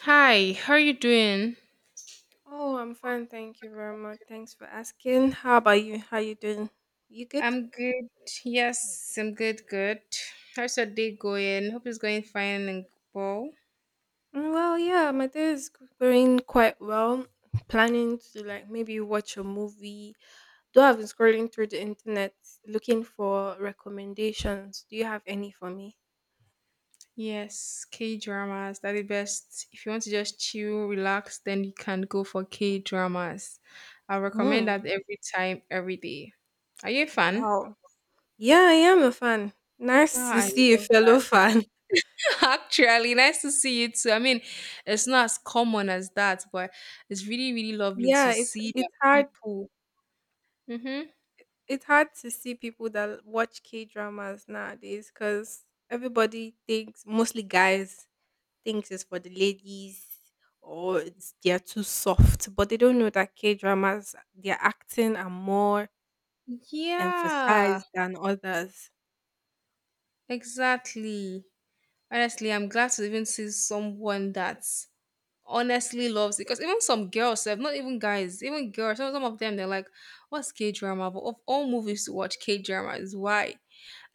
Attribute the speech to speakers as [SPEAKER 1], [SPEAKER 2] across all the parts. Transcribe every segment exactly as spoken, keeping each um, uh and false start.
[SPEAKER 1] Hi, how are you doing?
[SPEAKER 2] Oh, I'm fine, thank you very much. Thanks for asking. How about you? How you doing? You good?
[SPEAKER 1] I'm good. Yes, I'm good. Good. How's your day going? Hope it's going fine and well.
[SPEAKER 2] Mm, Well, yeah, my day is g- going quite well. Planning to like maybe watch a movie. Though I've been scrolling through the internet looking for recommendations. Do you have any for me?
[SPEAKER 1] Yes, K dramas are the best. If you want to just chill, relax, then you can go for K dramas. I recommend
[SPEAKER 2] Mm,
[SPEAKER 1] that every time, every day. Are you a fan?
[SPEAKER 2] wow. Yeah, I am a fan. Nice to
[SPEAKER 1] Ah, I
[SPEAKER 2] see a
[SPEAKER 1] love
[SPEAKER 2] fellow
[SPEAKER 1] that.
[SPEAKER 2] fan.
[SPEAKER 1] Actually, nice to see you too. I mean, it's not as common as that, but it's really, really lovely
[SPEAKER 2] Yeah,
[SPEAKER 1] to
[SPEAKER 2] it's
[SPEAKER 1] see
[SPEAKER 2] it's
[SPEAKER 1] that
[SPEAKER 2] hard
[SPEAKER 1] people. Mm-hmm.
[SPEAKER 2] it's hard to see people that watch K dramas nowadays because everybody thinks, mostly guys, thinks it's for the ladies or it's, they're too soft, but they don't know that K dramas, their acting are more
[SPEAKER 1] Yeah.
[SPEAKER 2] emphasized than others.
[SPEAKER 1] Exactly. Honestly, I'm glad to even see someone that honestly loves it. Because even some girls, sef, not even guys, even girls, some, some of them, they're like, what's K drama? But of all movies to watch, K drama is why.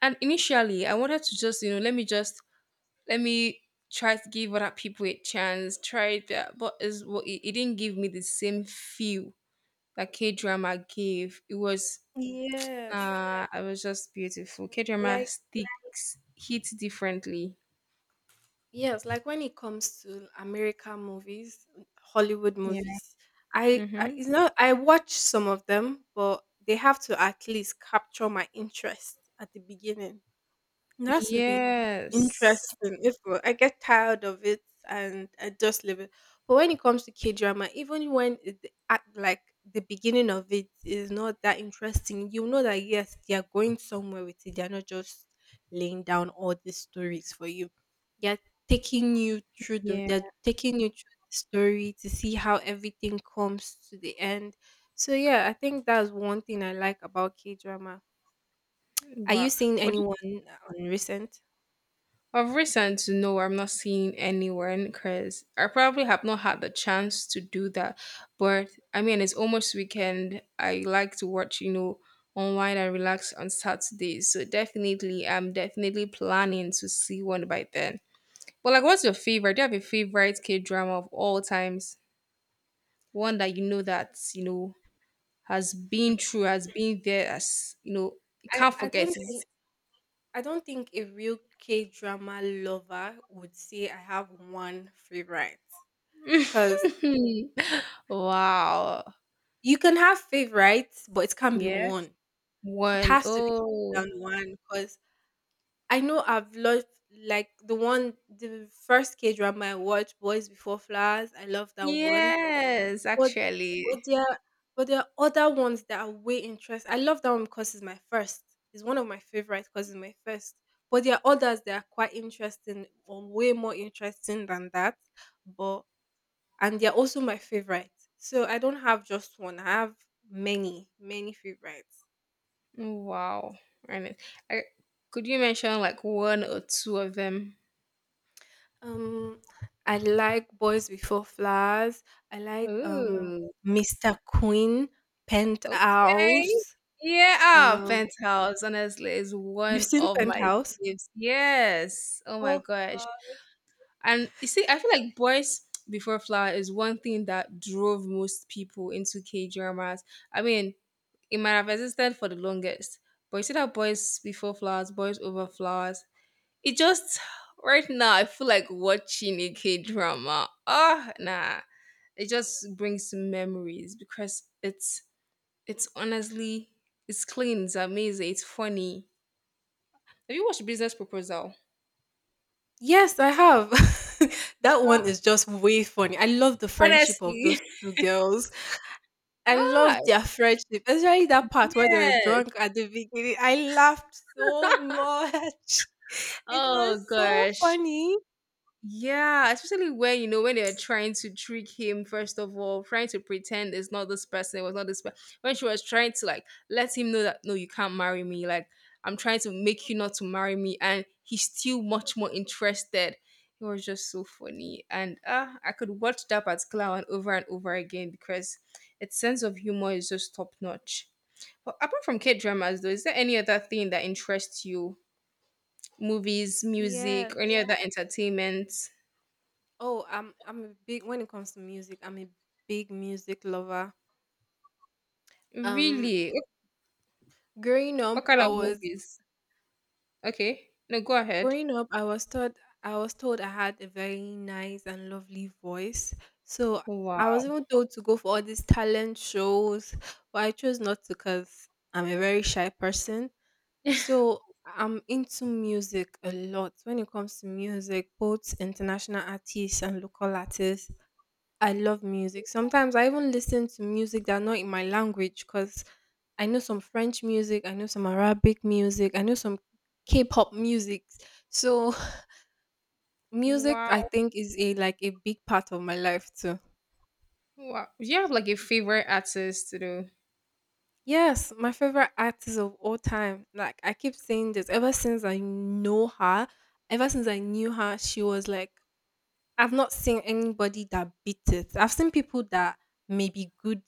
[SPEAKER 1] And initially, I wanted to just, you know, let me just, let me try to give other people a chance, try that. But it's, well, it, it didn't give me the same feel that K drama gave. It was,
[SPEAKER 2] Yes.
[SPEAKER 1] uh, it was just beautiful. K drama
[SPEAKER 2] Like
[SPEAKER 1] sticks, hits differently.
[SPEAKER 2] yes, like when it comes to American movies, Hollywood
[SPEAKER 1] Yeah.
[SPEAKER 2] movies, I, I
[SPEAKER 1] Mm-hmm.
[SPEAKER 2] it's not I watch some of them, but they have to at least capture my interest at the beginning. That would be
[SPEAKER 1] Yes.
[SPEAKER 2] interesting if we- I get tired of it and I just leave it. But when it comes to K drama, even when it, the act like the beginning of it is not that interesting, you know that yes, they are going somewhere with it. They are not just laying down all these stories for you. They are taking you through the
[SPEAKER 1] Yeah.
[SPEAKER 2] they're taking you through the story to see how everything comes to the end. So yeah, I think that's one thing I like about K drama. Are
[SPEAKER 1] Wow.
[SPEAKER 2] you seeing
[SPEAKER 1] But
[SPEAKER 2] anyone on recent?
[SPEAKER 1] of recent, no, I'm not seeing anyone because I probably have not had the chance to do that. But I mean, it's almost weekend. I like to watch, you know, online and relax on Saturdays. So definitely, I'm definitely planning to see one by then. But like, what's your favorite? Do you have a favorite K drama of all times? One that you know that you know has
[SPEAKER 2] Hmm,
[SPEAKER 1] been true, has been there, as you know, you
[SPEAKER 2] I,
[SPEAKER 1] can't
[SPEAKER 2] I
[SPEAKER 1] forget
[SPEAKER 2] don't think
[SPEAKER 1] it.
[SPEAKER 2] I don't think a real K drama lover would say I have one favorite because
[SPEAKER 1] Wow.
[SPEAKER 2] you can have favorites, but it can't be
[SPEAKER 1] Yes.
[SPEAKER 2] one. It
[SPEAKER 1] One.
[SPEAKER 2] has to be
[SPEAKER 1] Oh,
[SPEAKER 2] more than one because I know I've loved like the one, the first K drama I watched, Boys Before Flowers. I love that one.
[SPEAKER 1] yes,
[SPEAKER 2] But
[SPEAKER 1] actually.
[SPEAKER 2] but there are but there are other ones that are way interest I love that one because it's my first. It's one of my favorite because it's my first. But there are others that are quite interesting or way more interesting than that. But and they're also my favorite. So I don't have just one. I have many, many favorites.
[SPEAKER 1] Wow. And I, could you mention like one or two of them?
[SPEAKER 2] Um I like Boys Before Flowers. I like um
[SPEAKER 1] Oh,
[SPEAKER 2] mister Queen,
[SPEAKER 1] okay.
[SPEAKER 2] Penthouse.
[SPEAKER 1] Yeah, ah,
[SPEAKER 2] Um
[SPEAKER 1] Penthouse, honestly, is
[SPEAKER 2] you've
[SPEAKER 1] one
[SPEAKER 2] seen
[SPEAKER 1] of my
[SPEAKER 2] Penthouse?
[SPEAKER 1] faves. Yes. Oh my
[SPEAKER 2] Oh
[SPEAKER 1] gosh. And you see, I feel like Boys Before Flower is one thing that drove most people into K dramas. I mean, it might have existed for the longest, but you see that boys before flowers, boys over flowers. It just right now I feel like watching a K drama. Ah, nah. It just brings memories because it's it's honestly it's clean, it's amazing, it's funny. Have you watched Business Proposal?
[SPEAKER 2] yes, I have. That one
[SPEAKER 1] Ah,
[SPEAKER 2] is just way funny. I love the friendship of those
[SPEAKER 1] Honestly.
[SPEAKER 2] two girls. I
[SPEAKER 1] Ah,
[SPEAKER 2] love their friendship, especially that part where they were
[SPEAKER 1] yes.
[SPEAKER 2] drunk at the beginning. I laughed so much. It was
[SPEAKER 1] Oh
[SPEAKER 2] so
[SPEAKER 1] gosh.
[SPEAKER 2] funny.
[SPEAKER 1] Yeah, especially when you know when they're trying to trick him first of all, trying to pretend it's not this person, it was not this person. When she was trying to like let him know that no, you can't marry me, like I'm trying to make you not to marry me, and he's still much more interested. It was just so funny, and uh, I could watch that particular one over and over again because its sense of humor is just top notch. But apart from K dramas, though, is there any other thing that interests you? Movies, music, or
[SPEAKER 2] Yes.
[SPEAKER 1] any other entertainment?
[SPEAKER 2] Oh, I'm I'm a big when it comes to music, I'm a big music lover. Um
[SPEAKER 1] Really?
[SPEAKER 2] growing up,
[SPEAKER 1] What kind
[SPEAKER 2] I
[SPEAKER 1] of
[SPEAKER 2] was
[SPEAKER 1] movies? Okay. No, go ahead.
[SPEAKER 2] Growing up, I was taught I was told I had a very nice and lovely voice. So I
[SPEAKER 1] Wow.
[SPEAKER 2] was even told to go for all these talent shows, but I chose not to because I'm a very shy person. So I'm into music a lot. When it comes to music, both international artists and local artists, I love music. Sometimes I even listen to music that's not in my language because I know some French music, I know some Arabic music, I know some K-pop music. So music, I
[SPEAKER 1] Wow.
[SPEAKER 2] think, is a like a big part of my life too.
[SPEAKER 1] Wow. Do you have like a favorite artist to do?
[SPEAKER 2] Yes, my favorite artist of all time. Like I keep saying this ever since I know her, ever since I knew her, she was like I've not seen anybody that beat it. I've seen people that may be good,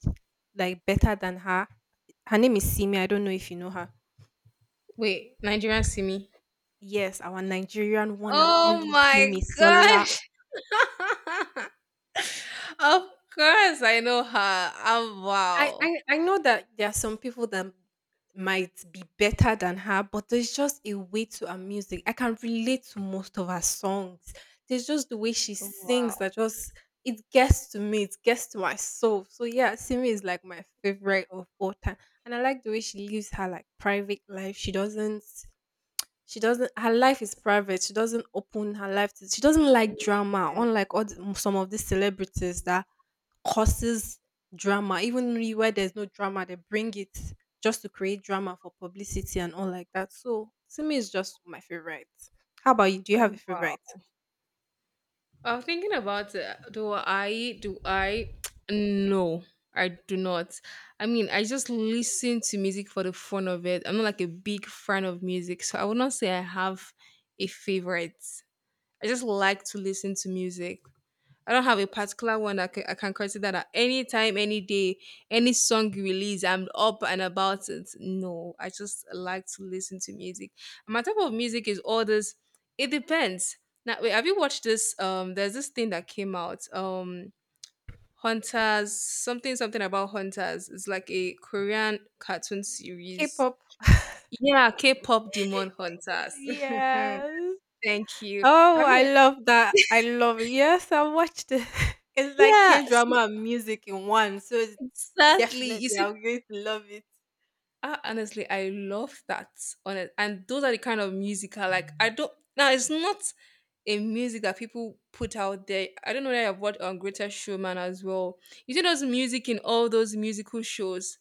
[SPEAKER 2] like better than her. Her name is Simi. I don't know if you know her.
[SPEAKER 1] Wait, Nigerian Simi.
[SPEAKER 2] Yes, our Nigerian one and
[SPEAKER 1] Oh
[SPEAKER 2] only
[SPEAKER 1] my
[SPEAKER 2] Simi Sola.
[SPEAKER 1] gosh. Of course I know her. Oh
[SPEAKER 2] I,
[SPEAKER 1] wow.
[SPEAKER 2] I I know that there are some people that might be better than her, but there's just a way to her music. I can relate to most of her songs. There's just the way she sings
[SPEAKER 1] Wow.
[SPEAKER 2] that just it gets to me, it gets to my soul. So yeah, Simi is like my favorite of all time. And I like the way she lives her like private life. She doesn't she doesn't her life is private. She doesn't open her life to she doesn't like
[SPEAKER 1] Yeah.
[SPEAKER 2] drama, unlike all the- some of these celebrities that causes drama. Even really where there's no drama, they bring it just to create drama for publicity and all like that. So to me, it's just my favorite. How about you? Do you have
[SPEAKER 1] Oh,
[SPEAKER 2] a favorite?
[SPEAKER 1] wow. Uh, thinking about, uh, do I do I no, I do not. I mean I just listen to music for the fun of it. I'm not like a big fan of music, so I would not say I have a favorite. I just like to listen to music. I don't have a particular one that I can I can consider that anytime, any day, any song you release, I'm up and about it. No, I just like to listen to music. And my type of music is all this. It depends. Now, wait, have you watched this? Um, there's this thing that came out. Um, Hunters, something, something about Hunters. It's like a Korean cartoon series.
[SPEAKER 2] K-pop.
[SPEAKER 1] Yeah, K-pop Demon Hunters.
[SPEAKER 2] Yes.
[SPEAKER 1] Thank you.
[SPEAKER 2] Oh,
[SPEAKER 1] Have you
[SPEAKER 2] I
[SPEAKER 1] watched?
[SPEAKER 2] love that. I love it. Yes, I watched it. It's like
[SPEAKER 1] Yeah, so
[SPEAKER 2] K-drama and music in one. So it's
[SPEAKER 1] exactly. You
[SPEAKER 2] definitely,
[SPEAKER 1] see,
[SPEAKER 2] I'm going to love it.
[SPEAKER 1] Ah, honestly, I love that. Honest, and those are the kind of music I like. I don't now. It's not a music that people put out there. I don't know whether I've watched on Greater Showman as well. You see those music in all those musical shows.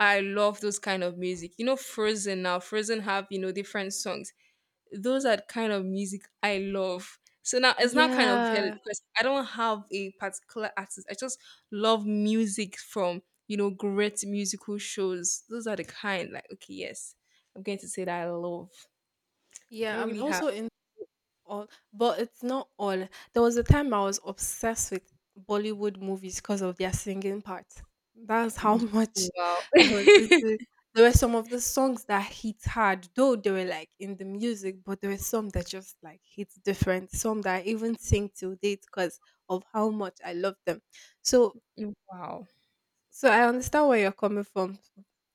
[SPEAKER 1] I love those kind of music. You know, Frozen now. Frozen have you know different songs, those are the kind of music I love. So now it's not kind of valid
[SPEAKER 2] Yeah.
[SPEAKER 1] because I don't have a particular artist. I just love music from you know great musical shows. Those are the kind, like okay, yes, I'm going to say that I love. I
[SPEAKER 2] Yeah,
[SPEAKER 1] don't
[SPEAKER 2] I'm
[SPEAKER 1] really have.
[SPEAKER 2] also in. All, but it's not all. There was a time I was obsessed with Bollywood movies because of their singing part. That's how much
[SPEAKER 1] Wow,
[SPEAKER 2] I was. Into- there were some of the songs that hit hard, though they were like in the music, but there were some that just like hit different. Some that I even sing till date because of how much I love them. So,
[SPEAKER 1] wow,
[SPEAKER 2] so I understand where you're coming from.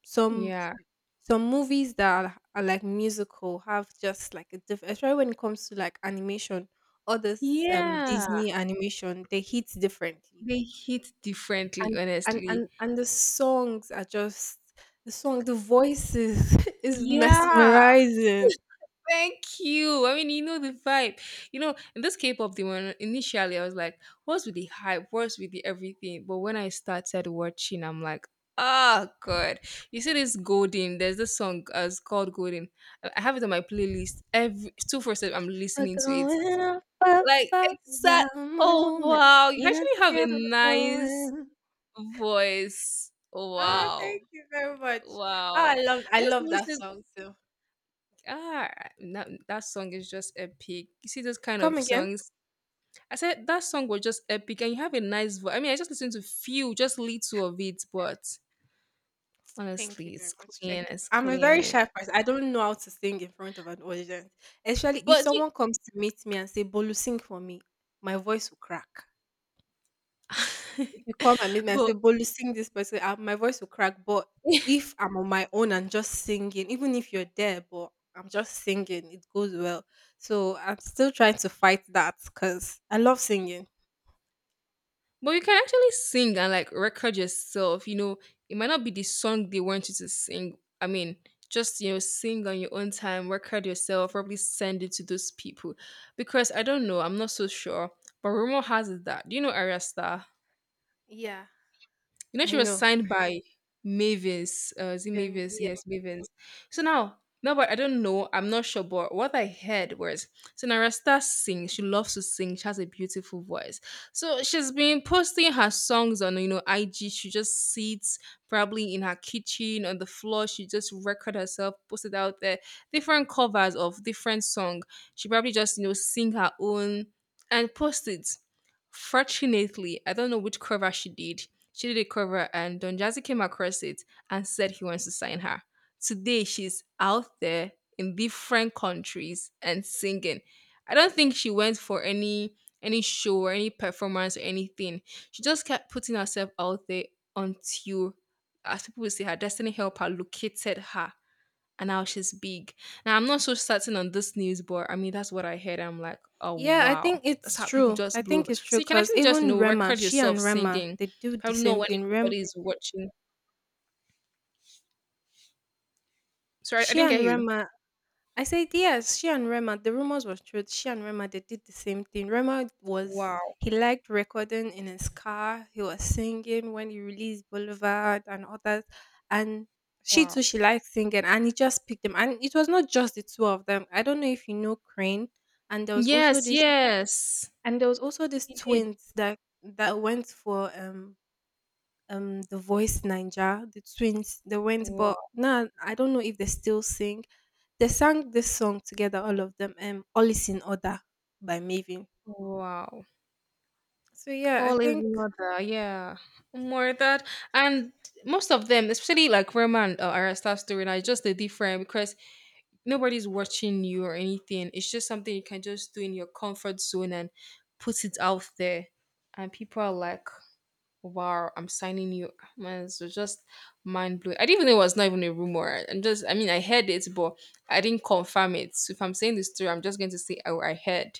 [SPEAKER 2] Some
[SPEAKER 1] yeah,
[SPEAKER 2] some movies that are, are like musical have just like a different especially when it comes to like animation all this um
[SPEAKER 1] yeah.
[SPEAKER 2] disney animation they hit differently
[SPEAKER 1] They hit differently,
[SPEAKER 2] and and
[SPEAKER 1] honestly.
[SPEAKER 2] and, and the songs are just the song the voices is
[SPEAKER 1] Yeah,
[SPEAKER 2] mesmerizing
[SPEAKER 1] thank you. I mean, you know the vibe. You know, in this K-pop demon, initially I was like, what's with the hype? What's with the everything? But when I started watching, I'm like, oh god. You see this Golden, there's this song uh, it's called Golden. I I have it on my playlist. Every two for seven, I'm
[SPEAKER 2] we're
[SPEAKER 1] listening to it.
[SPEAKER 2] going up up
[SPEAKER 1] Like
[SPEAKER 2] up
[SPEAKER 1] it's that.
[SPEAKER 2] that
[SPEAKER 1] Oh
[SPEAKER 2] moment
[SPEAKER 1] wow. You
[SPEAKER 2] you know
[SPEAKER 1] actually have a
[SPEAKER 2] together we're
[SPEAKER 1] nice
[SPEAKER 2] going
[SPEAKER 1] voice.
[SPEAKER 2] ah
[SPEAKER 1] Wow.
[SPEAKER 2] thank you very much ah, i
[SPEAKER 1] Wow.
[SPEAKER 2] love I
[SPEAKER 1] I just
[SPEAKER 2] love that
[SPEAKER 1] listen,
[SPEAKER 2] song too
[SPEAKER 1] ah, that, that song is just epic. You see those kind
[SPEAKER 2] come
[SPEAKER 1] of
[SPEAKER 2] again
[SPEAKER 1] songs. I said that song was just epic, and you have a nice voice. I mean, I just listened to few, just little of it, but
[SPEAKER 2] Thank you
[SPEAKER 1] honestly,
[SPEAKER 2] very
[SPEAKER 1] it's
[SPEAKER 2] much.
[SPEAKER 1] clean,
[SPEAKER 2] Thank you.
[SPEAKER 1] it's
[SPEAKER 2] I'm a very
[SPEAKER 1] clean.
[SPEAKER 2] shy person. I don't know how to sing in front of an audience. Especially if
[SPEAKER 1] But you-
[SPEAKER 2] someone comes to meet me and say, Bolu, sing for me, my voice will crack. If you come and meet me and
[SPEAKER 1] but
[SPEAKER 2] say, Bolu, sing this person, uh, my voice will crack. But if I'm on my own and just singing, even if you're there, but I'm just singing, it goes well. So I'm still trying to fight that because I love singing.
[SPEAKER 1] but you can actually sing and like record yourself. You know, it might not be the song they want you to sing. I mean. Just you know, sing on your own time, record yourself, probably send it to those people, because I don't know, I'm not so sure. But rumor has it that, do you know Arya Starr?
[SPEAKER 2] Yeah,
[SPEAKER 1] You know,
[SPEAKER 2] I
[SPEAKER 1] she was
[SPEAKER 2] know.
[SPEAKER 1] signed by Mavis. Uh, is it
[SPEAKER 2] Then
[SPEAKER 1] Mavis? Yes, Mavis. So now, no, but I don't know. I'm not sure. But what I heard was, so Narasta sings. She loves to sing. She has a beautiful voice. So she's been posting her songs on, you know, I G. She just sits probably in her kitchen on the floor. She just record herself, post it out there. Different covers of different song. She probably just, you know, sing her own and post it. Fortunately, I don't know which cover she did. She did a cover and Don Jazzy came across it and said he wants to sign her. Today she's out there in different countries and singing. I don't think she went for any any show or any performance or anything. She just kept putting herself out there until, as people will say, her destiny helped her located her, and now she's big. Now I'm not so certain on this news, but I mean that's what I heard. I'm like, oh
[SPEAKER 2] yeah, I think
[SPEAKER 1] wow, that's
[SPEAKER 2] it's
[SPEAKER 1] how people
[SPEAKER 2] true. I
[SPEAKER 1] just blow
[SPEAKER 2] think
[SPEAKER 1] over.
[SPEAKER 2] it's true
[SPEAKER 1] So you can
[SPEAKER 2] because
[SPEAKER 1] actually just you
[SPEAKER 2] even
[SPEAKER 1] know
[SPEAKER 2] Rema,
[SPEAKER 1] record
[SPEAKER 2] she
[SPEAKER 1] yourself
[SPEAKER 2] and Rema,
[SPEAKER 1] singing.
[SPEAKER 2] they do the
[SPEAKER 1] Probably know
[SPEAKER 2] same
[SPEAKER 1] when
[SPEAKER 2] thing. Rem,
[SPEAKER 1] everybody is watching. Sorry, I
[SPEAKER 2] she
[SPEAKER 1] didn't
[SPEAKER 2] and
[SPEAKER 1] get you.
[SPEAKER 2] Rema, I said yes, she and Rema. The rumors was true. She and Rema, they did the same thing. Rema was
[SPEAKER 1] Wow,
[SPEAKER 2] he liked recording in his car. He was singing when he released Boulevard and others, and she
[SPEAKER 1] wow.
[SPEAKER 2] too she liked singing, and he just picked them. And it was not just the two of them. I don't know if you know Crane, and there was also
[SPEAKER 1] Yes,
[SPEAKER 2] this,
[SPEAKER 1] yes,
[SPEAKER 2] and there was also these
[SPEAKER 1] he did.
[SPEAKER 2] twins that that went for um um The Voice Ninja, the twins, they went, but
[SPEAKER 1] Wow,
[SPEAKER 2] now I don't know if they still sing. They sang this song together, all of them, um, All Is in Order by Maven.
[SPEAKER 1] wow.
[SPEAKER 2] So yeah, I
[SPEAKER 1] All his
[SPEAKER 2] think
[SPEAKER 1] mother, yeah, more of that, and most of them, especially like Roman, uh, Arista storyline, is just the different because nobody's watching you or anything. It's just something you can just do in your comfort zone and put it out there. And people are like, wow, I'm signing you. Man, it's just mind blowing. I didn't even know it was not even a rumor. I'm just, I mean, I heard it, but I didn't confirm it. So if I'm saying this story, I'm just going to say, oh, I heard.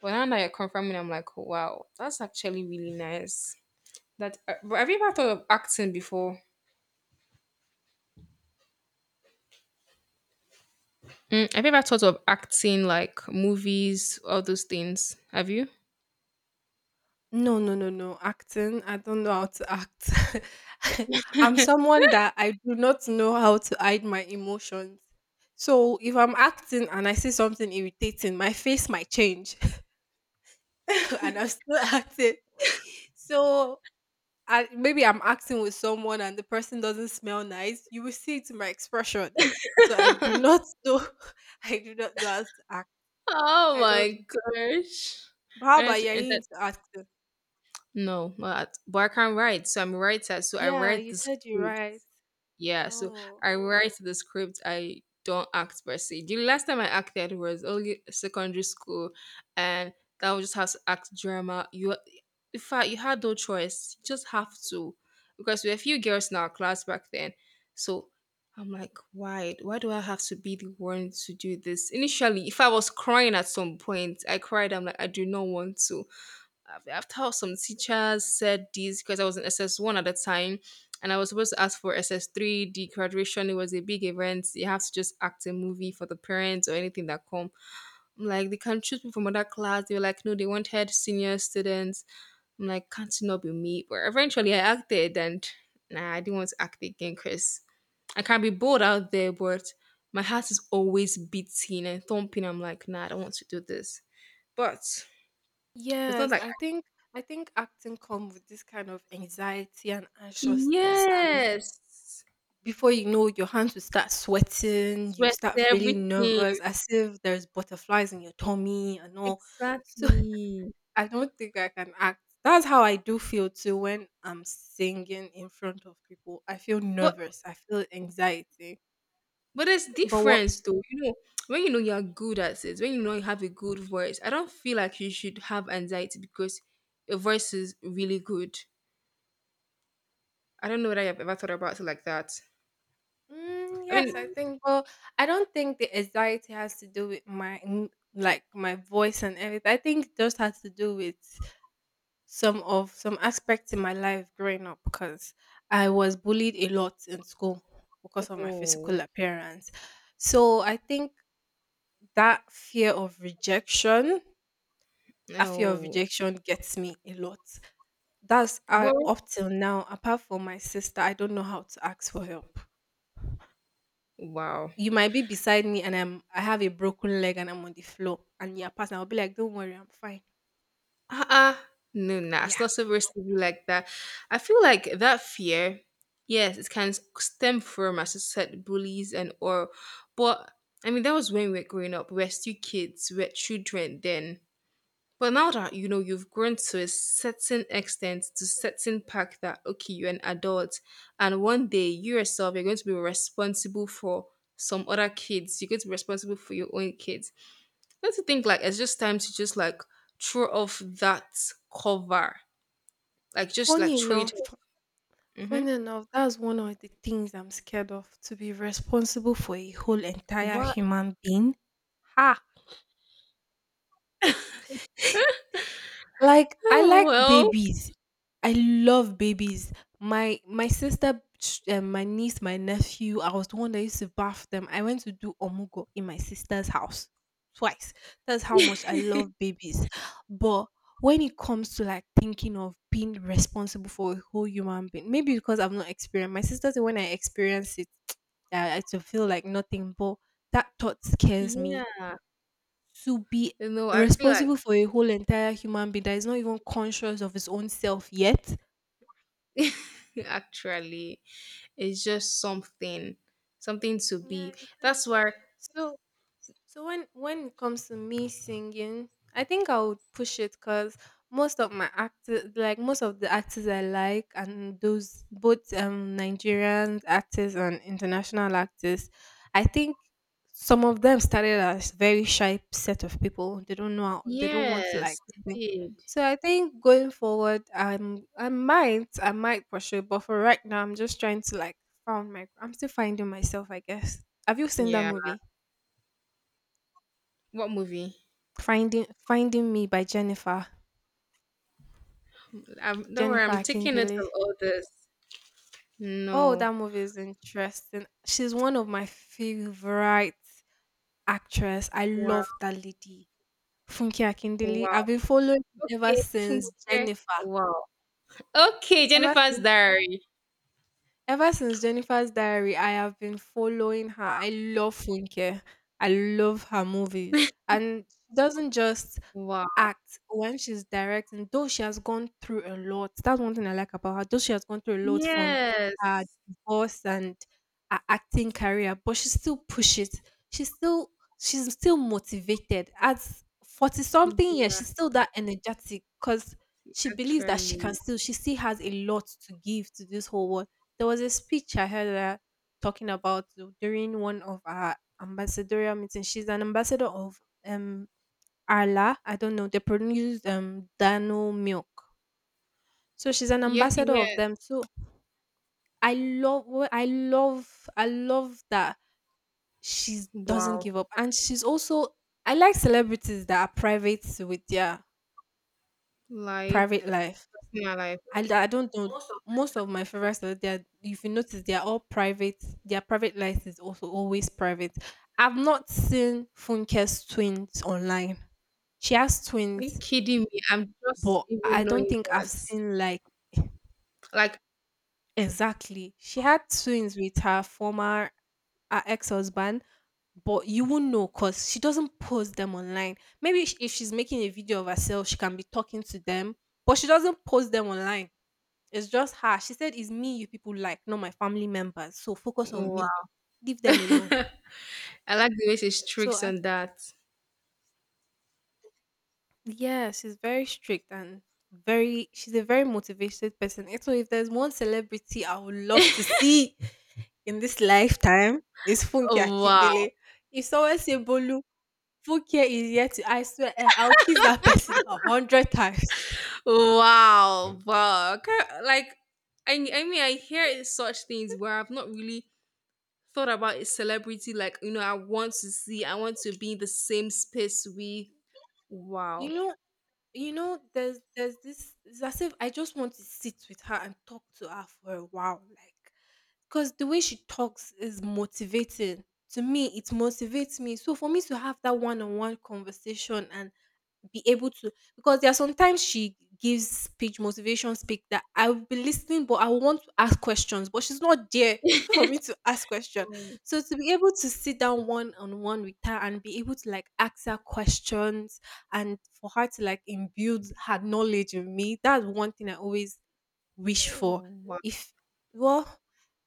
[SPEAKER 1] But now that you're confirming, I'm like, wow, that's actually really nice. That uh, but have you ever thought of acting before? Mm, have you ever thought of acting, like movies, all those things? Have you?
[SPEAKER 2] no, no, no, no. Acting, I don't know how to act. I'm someone that I do not know how to hide my emotions. So if I'm acting and I see something irritating, my face might change and I'm still acting. So I, maybe I'm acting with someone and the person doesn't smell nice, you will see it in my expression. So I do not know. I do not know how to act.
[SPEAKER 1] Oh
[SPEAKER 2] I
[SPEAKER 1] my
[SPEAKER 2] don't.
[SPEAKER 1] gosh.
[SPEAKER 2] But how about
[SPEAKER 1] Honestly,
[SPEAKER 2] you? Are
[SPEAKER 1] and
[SPEAKER 2] you
[SPEAKER 1] that,
[SPEAKER 2] into acting?
[SPEAKER 1] no, not, but I can write. So I'm a writer. So I
[SPEAKER 2] Yeah,
[SPEAKER 1] write
[SPEAKER 2] you
[SPEAKER 1] the
[SPEAKER 2] said you're
[SPEAKER 1] script.
[SPEAKER 2] right.
[SPEAKER 1] Yeah. So
[SPEAKER 2] Oh,
[SPEAKER 1] I write the script. I don't act per se. The last time I acted was only secondary school, and that was just how to act drama. You in fact, you had no choice. You just have to, because we were a few girls in our class back then. So I'm like, why? Why do I have to be the one to do this? Initially, if I was crying at some point, I cried. I'm like, I do not want to. Af- After some teachers said this, because I was in S S one at the time, and I was supposed to ask for S S three, the graduation. It was a big event. You have to just act a movie for the parents or anything that come. I'm like, they can choose me from other class. They were like, no, they wanted senior students. I'm like, can't catching not be me. But eventually I acted, and nah, I didn't want to act again, because I can be bold out there, but my heart is always beating and thumping. I'm like, nah, I don't want to do this. But it's not
[SPEAKER 2] yes.
[SPEAKER 1] like.
[SPEAKER 2] I think I think acting comes with this kind of anxiety and anxiousness, and
[SPEAKER 1] Yes.
[SPEAKER 2] before you know, your hands will start sweating. You
[SPEAKER 1] Sweat
[SPEAKER 2] start feeling
[SPEAKER 1] everything.
[SPEAKER 2] nervous, as if there's butterflies in your tummy and all. So,
[SPEAKER 1] Exactly.
[SPEAKER 2] I don't think I can act. That's how I do feel too when I'm singing in front of people. I feel
[SPEAKER 1] But
[SPEAKER 2] nervous. I feel anxiety.
[SPEAKER 1] but there's
[SPEAKER 2] But what?
[SPEAKER 1] difference though. You know, when you know you're good at it, when you know you have a good voice, I don't feel like you should have anxiety because your voice is really good. I don't know whether I've ever thought about it like that.
[SPEAKER 2] Mm,
[SPEAKER 1] I mean,
[SPEAKER 2] yes, I think. Well, I don't think the anxiety has to do with my n- like my voice and everything. I think it just has to do with some of some aspects in my life growing up because I was bullied a lot in school because of my
[SPEAKER 1] oh,
[SPEAKER 2] physical appearance. So I think that fear of rejection That fear of
[SPEAKER 1] no.
[SPEAKER 2] rejection gets me a lot. That's I
[SPEAKER 1] Well,
[SPEAKER 2] up till now, apart from my sister, I don't know how to ask for help.
[SPEAKER 1] wow.
[SPEAKER 2] You might be beside me and I'm I have a broken leg and I'm on the floor and you're passing. I'll be like, don't worry, I'm fine.
[SPEAKER 1] Uh-uh. No, nah, it's
[SPEAKER 2] Yeah.
[SPEAKER 1] not supposed to be like that. I feel like that fear, yes, it can stem from, as I said, bullies and or, but I mean, that was when we were growing up. We are still kids, we are children then. But now that you know you've grown to a certain extent, to certain pack that okay, you're an adult, and one day you yourself you're going to be responsible for some other kids. You're going to be responsible for your own kids. Don't you think like it's just time to just like throw off that cover, like just
[SPEAKER 2] Funny
[SPEAKER 1] like throw it.
[SPEAKER 2] enough,
[SPEAKER 1] Mm-hmm.
[SPEAKER 2] funny enough, that's one of the things I'm scared of to be responsible for a whole entire
[SPEAKER 1] What?
[SPEAKER 2] human being. Ha! Like I
[SPEAKER 1] Oh,
[SPEAKER 2] like
[SPEAKER 1] well,
[SPEAKER 2] babies. I love babies. My my sister, sh- um, my niece, my nephew. I was the one that used to bath them. I went to do omugo in my sister's house twice. That's how much I love babies. But when it comes to like thinking of being responsible for a whole human being, maybe because I've not experienced. My sister said when I experience it, I, I to feel like nothing. But that thought scares me
[SPEAKER 1] yeah.
[SPEAKER 2] to be
[SPEAKER 1] You know, I feel
[SPEAKER 2] responsible
[SPEAKER 1] like
[SPEAKER 2] for a whole entire human being that is not even conscious of his own self yet.
[SPEAKER 1] actually it's just something, something to
[SPEAKER 2] Yeah,
[SPEAKER 1] be.
[SPEAKER 2] it
[SPEAKER 1] That's
[SPEAKER 2] is.
[SPEAKER 1] why
[SPEAKER 2] So So when when it comes to me singing, I think I would push it because most of my actors, like most of the actors I like, and those both um Nigerian actors and international actors, I think some of them started as very shy set of people. They don't know how, they don't want to
[SPEAKER 1] yes,
[SPEAKER 2] like
[SPEAKER 1] I
[SPEAKER 2] sing.
[SPEAKER 1] did.
[SPEAKER 2] So I think going forward, I'm I might I might pursue, but for right now, I'm just trying to like found my. I'm still finding myself, I guess. Have you seen that
[SPEAKER 1] Yeah.
[SPEAKER 2] movie?
[SPEAKER 1] What movie?
[SPEAKER 2] Finding Finding Me by Jennifer
[SPEAKER 1] I'm, don't worry,
[SPEAKER 2] Jennifer
[SPEAKER 1] I'm taking it
[SPEAKER 2] Akindele.
[SPEAKER 1] of all this.
[SPEAKER 2] Oh, that
[SPEAKER 1] No.
[SPEAKER 2] movie is interesting. She's one of my favorite actress. I
[SPEAKER 1] Wow.
[SPEAKER 2] love that lady, Funke Akindele.
[SPEAKER 1] Wow.
[SPEAKER 2] I've been following ever
[SPEAKER 1] Okay.
[SPEAKER 2] since
[SPEAKER 1] Funke.
[SPEAKER 2] Jennifer.
[SPEAKER 1] Wow. Okay,
[SPEAKER 2] Ever
[SPEAKER 1] Jennifer's
[SPEAKER 2] since
[SPEAKER 1] Diary.
[SPEAKER 2] Ever since Jennifer's Diary, I have been following her. I love Funke. I love her movies. And she doesn't just
[SPEAKER 1] Wow.
[SPEAKER 2] act when she's directing, though she has gone through a lot. That's one thing I like about her. Though she has gone through a lot from her
[SPEAKER 1] Yes.
[SPEAKER 2] divorce and her acting career, but she still pushes. She's still she's still motivated. At forty something years,
[SPEAKER 1] Yeah,
[SPEAKER 2] she's still that energetic because she believes that she can
[SPEAKER 1] actually.
[SPEAKER 2] still she still has a lot to give to this whole world. There was a speech I heard her talking about during one of our ambassadorial meetings. She's an ambassador of um Arla. I don't know. They produce um Dano milk. So she's an
[SPEAKER 1] Yeah, okay,
[SPEAKER 2] ambassador
[SPEAKER 1] yeah.
[SPEAKER 2] of them. So I love wh- I love I love that she doesn't
[SPEAKER 1] Wow.
[SPEAKER 2] give up. And she's also I like celebrities that are private with their
[SPEAKER 1] Life.
[SPEAKER 2] private life.
[SPEAKER 1] Personal life.
[SPEAKER 2] I d- I don't know. Most of my favorite stores, they're if you notice, they're all private. Their private life is also always private. I've not seen Funke's twins online. She has
[SPEAKER 1] Are you
[SPEAKER 2] twins,
[SPEAKER 1] kidding me? I'm just
[SPEAKER 2] but I
[SPEAKER 1] even
[SPEAKER 2] don't
[SPEAKER 1] knowing
[SPEAKER 2] think I've
[SPEAKER 1] that.
[SPEAKER 2] seen like
[SPEAKER 1] Like,
[SPEAKER 2] exactly. She had twins with her former her ex-husband, but you won't know because she doesn't post them online. Maybe sh- if she's making a video of herself, she can be talking to them, but she doesn't post them online. It's just her. She said, "It's me you people like, not my family members. So focus on
[SPEAKER 1] wow.
[SPEAKER 2] me. Leave them alone."
[SPEAKER 1] I like the way she
[SPEAKER 2] So,
[SPEAKER 1] tricks
[SPEAKER 2] I,
[SPEAKER 1] on that.
[SPEAKER 2] yeah, she's very strict and very, she's a very motivated person. And so, if there's one celebrity I would love to see in this lifetime, it's Funke
[SPEAKER 1] Oh, wow.
[SPEAKER 2] Akindele. If someone say Bolu, Funke is yet to, I swear, eh, I'll kiss that person a hundred times.
[SPEAKER 1] Wow, wow. I can't- Like, I, I mean, I hear it- such things where I've not really thought about a celebrity. Like, you know, I want to see, I want to be in the same space with. Wow.
[SPEAKER 2] You know, you know there's there's this, it's as if I just want to sit with her and talk to her for a while, like, because the way she talks is motivating to me. It motivates me. So for me to have that one-on-one conversation and be able to, because there are sometimes she gives speech, motivation speak, that I will be listening, but I want to ask questions, but she's not there for me to ask questions. So to be able to sit down one-on-one with her and be able to like ask her questions, and for her to like imbue her knowledge in me. That's one thing I always wish for.
[SPEAKER 1] Wow.
[SPEAKER 2] If well,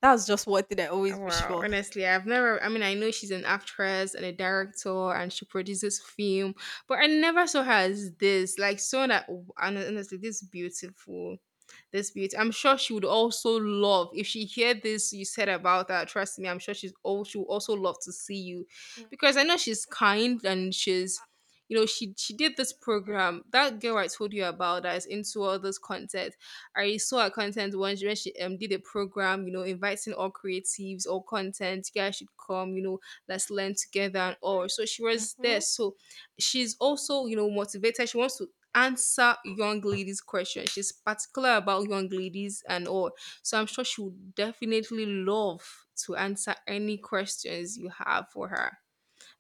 [SPEAKER 2] that's just one thing I always wish
[SPEAKER 1] Wow,
[SPEAKER 2] for.
[SPEAKER 1] honestly, I've never. I mean, I know she's an actress and a director, and she produces film, but I never saw her as this. Like, so that and honestly, this beautiful, this beauty. I'm sure she would also love if she hear this you said about that. Trust me, I'm sure she's all. She would also love to see you, because I know she's kind and she's. You know, she she did this program. That girl I told you about that is into all this content. I saw her content once when she um, did a program, you know, inviting all creatives, all content, you guys should come, you know, let's learn together and all. So she was there.
[SPEAKER 2] Mm-hmm.
[SPEAKER 1] So she's also, you know, motivated. She wants to answer young ladies' questions. She's particular about young ladies and all. So I'm sure she would definitely love to answer any questions you have for her.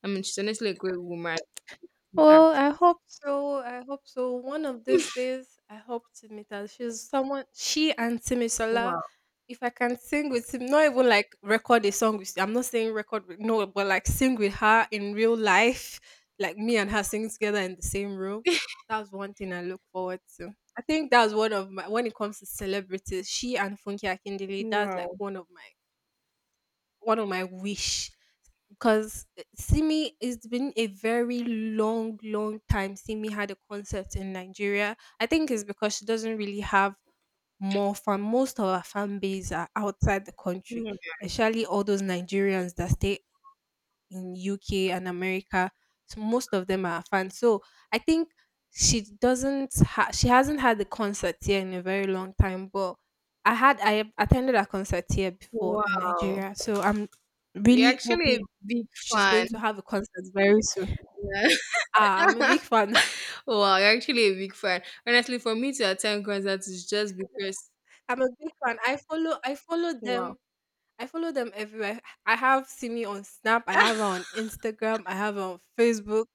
[SPEAKER 1] I mean, she's honestly a great woman, good
[SPEAKER 2] Well, I
[SPEAKER 1] actress.
[SPEAKER 2] hope so. I hope so. One of these days, I hope to meet her. She's someone, she and Timmy Sola.
[SPEAKER 1] Wow.
[SPEAKER 2] If I can sing with him, not even like record a song with, I'm not saying record, with, no, but like sing with her in real life, like me and her singing together in the same room. That's one thing I look forward to. I think that's one of my, when it comes to celebrities, she and Funky Akindele, that's like
[SPEAKER 1] Wow.
[SPEAKER 2] one of my one of my wish because Simi, it's been a very long, long time Simi had a concert in Nigeria. I think it's because she doesn't really have more fan most of her fan base are outside the country,
[SPEAKER 1] Mm.
[SPEAKER 2] especially all those Nigerians that stay in U K and America. So most of them are fans. So I think she doesn't ha- she hasn't had a concert here in a very long time, but I had I have attended a concert here before in
[SPEAKER 1] Wow.
[SPEAKER 2] Nigeria. So I'm
[SPEAKER 1] You're
[SPEAKER 2] really
[SPEAKER 1] actually
[SPEAKER 2] hoping
[SPEAKER 1] a big
[SPEAKER 2] she's going to
[SPEAKER 1] fan.
[SPEAKER 2] have a concert very soon. Ah, I'm a big fan.
[SPEAKER 1] Wow, you're actually a big fan. Honestly, for me to attend concerts is just because
[SPEAKER 2] I'm a big fan. I follow I follow
[SPEAKER 1] wow.
[SPEAKER 2] them. I follow them everywhere. I have Simi on Snap. I have her on Instagram. I have her on Facebook.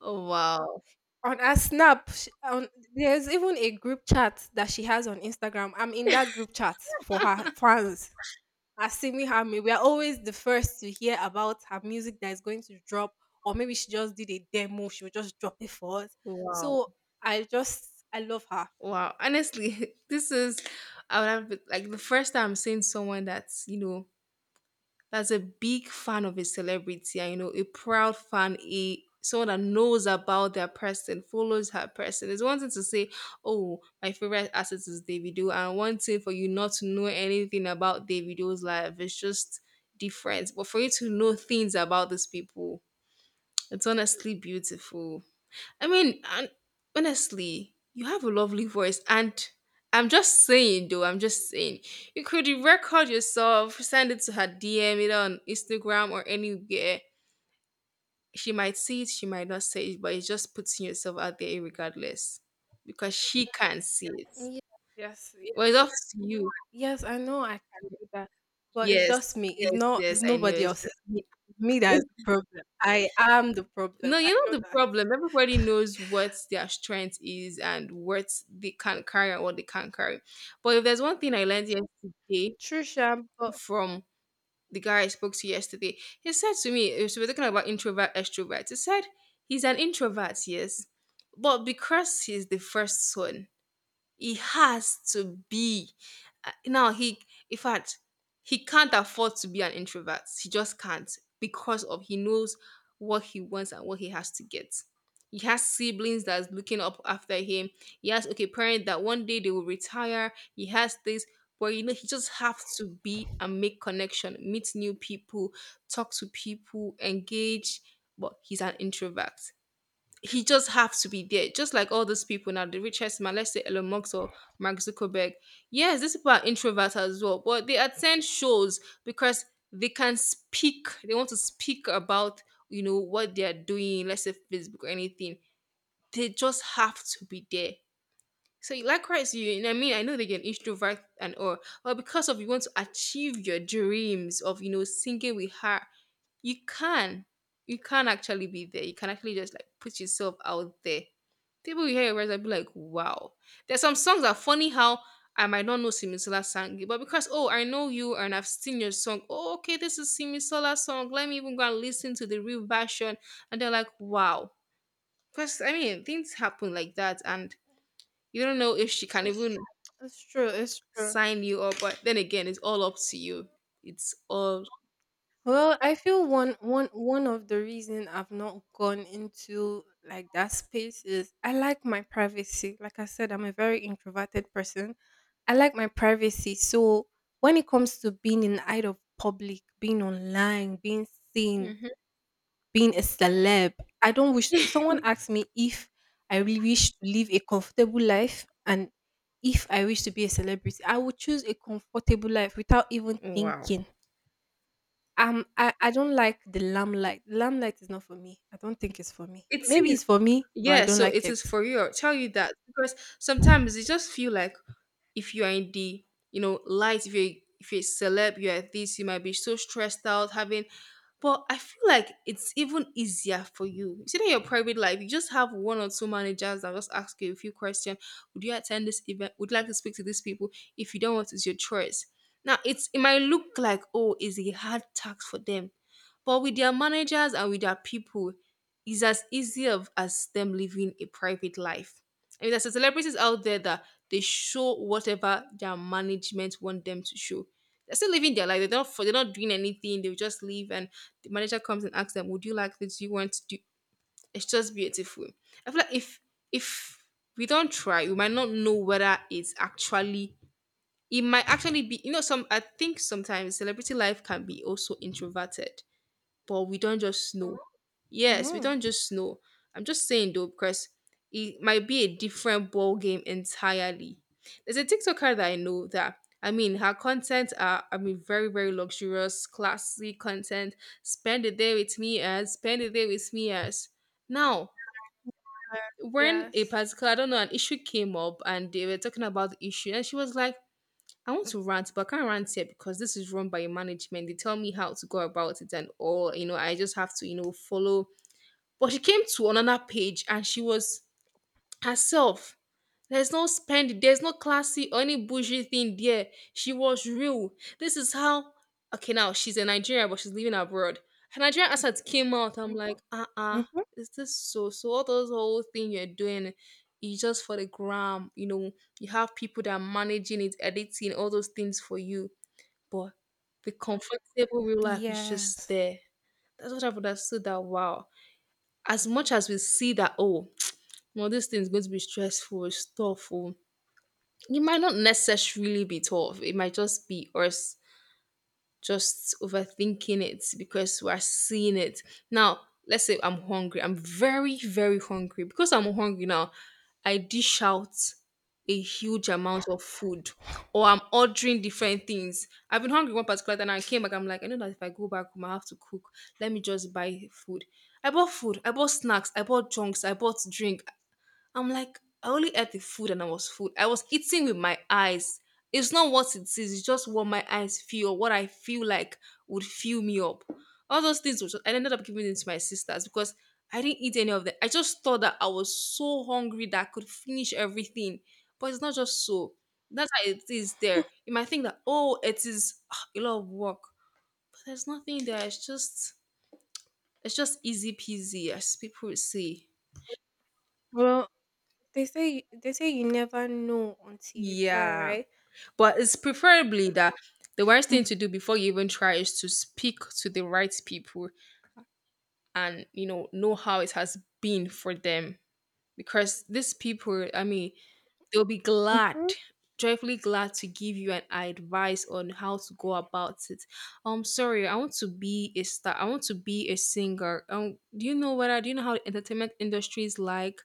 [SPEAKER 1] Wow.
[SPEAKER 2] On her snap, sh on there's even a group chat that she has on Instagram. I'm in that group chat for her fans. Asimi Hammy, we are always the first to hear about her music that is going to drop, or maybe she just did a demo, she will just drop it for us.
[SPEAKER 1] Wow.
[SPEAKER 2] So I just I love her.
[SPEAKER 1] Wow. Honestly, this is I would have been- like the first time I'm seeing someone that's, you know, that's a big fan of a celebrity, and you know a proud fan, a someone that knows about their person, follows her person. It's one thing to say, oh my favorite asset is Davido, and one thing for you not to know anything about Davido's life. It's just different, but for you to know things about these people, it's honestly beautiful. I mean, and honestly, you have a lovely voice, and I'm just saying, though, I'm just saying, you could record yourself, send it to her D M, either on Instagram or anywhere. She might see it, she might not see it, but it's just putting yourself out there, regardless, because she can't see it.
[SPEAKER 2] Ye yes, ye
[SPEAKER 1] Well, it's up to you.
[SPEAKER 2] yes, I know I can do that, but it's just
[SPEAKER 1] Yes,
[SPEAKER 2] me. It's
[SPEAKER 1] yes,
[SPEAKER 2] not it's
[SPEAKER 1] yes. I know.
[SPEAKER 2] nobody
[SPEAKER 1] It's
[SPEAKER 2] else. It's me. It's me that is the
[SPEAKER 1] just-
[SPEAKER 2] problem. I am the problem.
[SPEAKER 1] No,
[SPEAKER 2] I
[SPEAKER 1] you
[SPEAKER 2] know
[SPEAKER 1] know the
[SPEAKER 2] that.
[SPEAKER 1] problem. Everybody knows what their strength is and what they can carry and what they can't carry. But if there's one thing I learned yesterday
[SPEAKER 2] True, Sham, but
[SPEAKER 1] from the guy I spoke to yesterday, he said to me, so we're talking about introvert, extrovert. He said he's an introvert, yes, but because he's the first son, he has to be. Uh, Now he, in fact, he can't afford to be an introvert. He just can't because of he knows what he wants and what he has to get. He has siblings that's looking up after him. He has okay parent that one day they will retire. He has this, but you know he just have to be and make connection, meet new people, talk to people, engage. But he's an introvert, he just have to be there, just like all those people now, the richest man, let's say Elon Musk or Mark Zuckerberg. Yes, these people are introverts as well, but they attend shows because they can speak. They want to speak about, you know, what they are doing, let's say Facebook or anything. They just have to be there. So likewise, you you know what I mean, I know they get introvert and all, but because of you want to achieve your dreams of, you know, singing with her, you can. You can actually be there. You can actually just like put yourself out there. People will hear your voice and be like, wow. There's some songs that are funny how I might not know Simisola sang it, but because oh, I know you and I've seen your song. Oh, okay, this is Simisola's song. Let me even go and listen to the real version. And they're like, wow. Because I mean things happen like that, and you don't know if she can even
[SPEAKER 2] it's true, it's true.
[SPEAKER 1] sign you up, but then again, it's all up to you. It's all
[SPEAKER 2] Well, I feel one one one of the reason I've not gone into like that space is I like my privacy. Like I said, I'm a very introverted person. I like my privacy. So when it comes to being in the eye of public, being online, being seen,
[SPEAKER 1] Mhm.
[SPEAKER 2] being a celeb, I don't wish, if someone asked me if I really wish to live a comfortable life and if I wish to be a celebrity, I would choose a comfortable life without even
[SPEAKER 1] Wow.
[SPEAKER 2] thinking. Um, I I don't like the limelight. Limelight is not for me. I don't think it's for me.
[SPEAKER 1] It
[SPEAKER 2] Maybe
[SPEAKER 1] is.
[SPEAKER 2] it's for me, but I
[SPEAKER 1] Yeah,
[SPEAKER 2] don't
[SPEAKER 1] so
[SPEAKER 2] like
[SPEAKER 1] it is
[SPEAKER 2] it.
[SPEAKER 1] for you. I'll tell you that because sometimes you just feel like, if you are in the, you know, light, if you're if you're a celeb, you are this, you might be so stressed out having, but I feel like it's even easier for you. You see, that your private life, you just have one or two managers that just ask you a few questions. Would you attend this event? Would you like to speak to these people? If you don't want, it's your choice. Now, it's it might look like, oh, it's a hard task for them, but with their managers and with their people, it's as easy of, as them living a private life. I mean, there's celebrities out there that they show whatever their management want them to show. They're still living their life. They're not for, they're not doing anything. They will just live, and the manager comes and asks them, "Would you like this? Do you want to do?" It's just beautiful. I feel like if if we don't try, we might not know whether it's actually. It might actually be, you know, some. I think sometimes celebrity life can be also introverted, but we don't just know. Yes, we
[SPEAKER 2] Mhm.
[SPEAKER 1] don't just know. I'm just saying though, because it might be a different ball game entirely. There's a TikToker that I know that, I mean, her content are, I mean, very, very luxurious, classy content. Spend a day with me as spend a day with me as now when a
[SPEAKER 2] Yes.
[SPEAKER 1] particular, I don't know, an issue came up and they were talking about the issue, and she was like, I want to rant, but I can't rant here because this is run by your management. They tell me how to go about it and all, you know, I just have to, you know, follow. But she came to another page and she was herself. There's no spendy, there's no classy or any bougie thing there. She was real. This is how, okay, now she's in Nigeria, but she's living abroad. Her Nigerian accent came out. I'm like, uh-uh,
[SPEAKER 2] Mhm.
[SPEAKER 1] is this so? So all those whole thing you're doing is just for the gram, you know, you have people that are managing it, editing all those things for you, but the comfortable real life is just
[SPEAKER 2] Yes.
[SPEAKER 1] there. That's what I've understood, that wow. As much as we see that, oh, well, this thing is going to be stressful, it's tough. Oh, it might not necessarily be tough. It might just be us just overthinking it because we are seeing it. Now, let's say I'm hungry. I'm very, very hungry. Because I'm hungry now, I dish out a huge amount of food or I'm ordering different things. I've been hungry one particular time and I came back. I'm like, I know that if I go back home, I have to cook. Let me just buy food. I bought food. I bought snacks. I bought junks. I bought drink. I'm like, I only ate the food and I was food. I was eating with my eyes. It's not what it is, it's just what my eyes feel or what I feel like would fill me up. All those things which I ended up giving it to my sisters because I didn't eat any of them. I just thought that I was so hungry that I could finish everything. But it's not just so. That's how it is there. You might think that, oh, it is ah, a lot of work. But there's nothing there. It's just it's just easy peasy, as people would say.
[SPEAKER 2] Well, they say they say you never know until you try,
[SPEAKER 1] Yeah.
[SPEAKER 2] right?
[SPEAKER 1] But it's preferably that the worst thing to do before you even try is to speak to the right people and you know know how it has been for them. Because these people, I mean, they'll be glad,
[SPEAKER 2] Mm-hmm.
[SPEAKER 1] joyfully glad to give you an advice on how to go about it. I'm sorry, I want to be a star. I want to be a singer. Um, do you know what I do you know how the entertainment industry is like?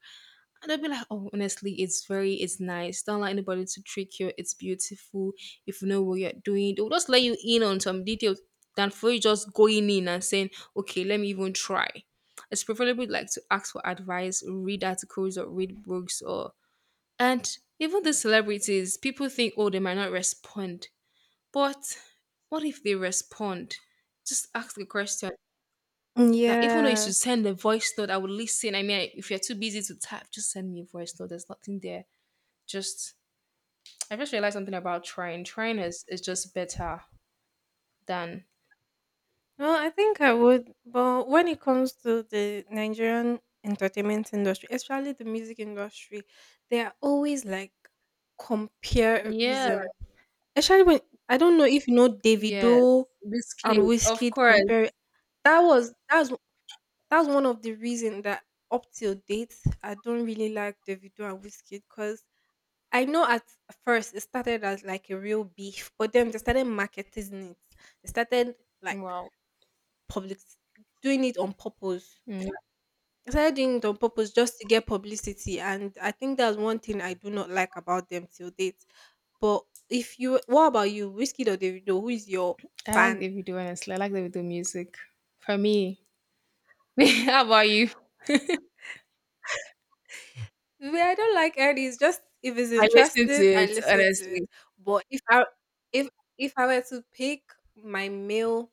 [SPEAKER 1] And I'd be like, oh, honestly, it's very, it's nice. Don't let anybody to trick you. It's beautiful. If you know what you're doing, they'll just let you in on some details than for you just going in and saying, okay, let me even try. It's preferably like to ask for advice, read articles or read books or and even the celebrities, people think, oh, they might not respond. But what if they respond? Just ask the question that even though you should
[SPEAKER 2] Yes.
[SPEAKER 1] send a voice note, I would listen. I mean, I- if you're too busy to type, just send me a voice note. There's nothing there. Just I just realized something about trying. Trying is, is just better than
[SPEAKER 2] Well, I think I would, but when it comes to the Nigerian entertainment industry, especially the music industry, they are always like
[SPEAKER 1] yeah.
[SPEAKER 2] comparison. Especially when, I don't know if you know
[SPEAKER 1] Yes,
[SPEAKER 2] Davido and
[SPEAKER 1] biscuit, of
[SPEAKER 2] Wizkid
[SPEAKER 1] course.
[SPEAKER 2] compare, that was that's that's one of the reason that up till date I don't really like Davido and Wizkid because I know at first it started as like a real beef, but then they started marketing it. They started like
[SPEAKER 1] Wow.
[SPEAKER 2] public doing it on purpose.
[SPEAKER 1] Mm.
[SPEAKER 2] I started doing it on purpose just to get publicity, and I think that's one thing I do not like about them till date. But if you, what about you, Whiskey or Davido? Who is your
[SPEAKER 1] I like
[SPEAKER 2] fan?
[SPEAKER 1] the video honestly. I like the video music. For me, how about you?
[SPEAKER 2] Well, I don't like any. It's just if it's
[SPEAKER 1] I listen to
[SPEAKER 2] interesting, I
[SPEAKER 1] it
[SPEAKER 2] listen to
[SPEAKER 1] honestly.
[SPEAKER 2] it. But if I, if if I were to pick my male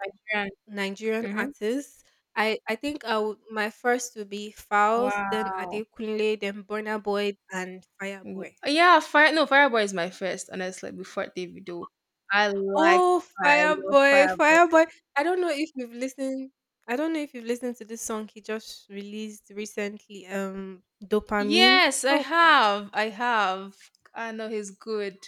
[SPEAKER 1] I can.
[SPEAKER 2] Nigerian
[SPEAKER 1] Hmm.
[SPEAKER 2] artists, I I think I would, my first would be Faust, then
[SPEAKER 1] Wow.
[SPEAKER 2] Adekunle, then Burna Boy, and
[SPEAKER 1] W-
[SPEAKER 2] Fireboy.
[SPEAKER 1] Yeah, Fire. No, Fireboy is my first, honestly, before Davido. I like,
[SPEAKER 2] Oh,
[SPEAKER 1] I love
[SPEAKER 2] Fireboy,
[SPEAKER 1] Fireboy.
[SPEAKER 2] Fireboy. I don't know if you've listened. I don't know if you've listened to this song he just released recently. Um, Dopamine.
[SPEAKER 1] Yes, I
[SPEAKER 2] Oh God.
[SPEAKER 1] have. I have. I know he's good.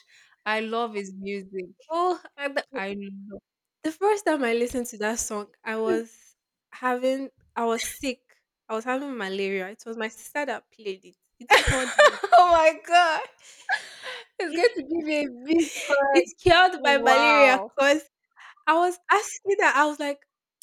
[SPEAKER 1] I love his music.
[SPEAKER 2] Oh, I- the
[SPEAKER 1] I love.
[SPEAKER 2] the first time I listened to that song, I was having, I was sick. I was having malaria. It was my sister that played it. It cured me.
[SPEAKER 1] Oh my God. It's going to give me a big hug.
[SPEAKER 2] It cured my malaria
[SPEAKER 1] Wow.
[SPEAKER 2] because. I was asking, that I was like,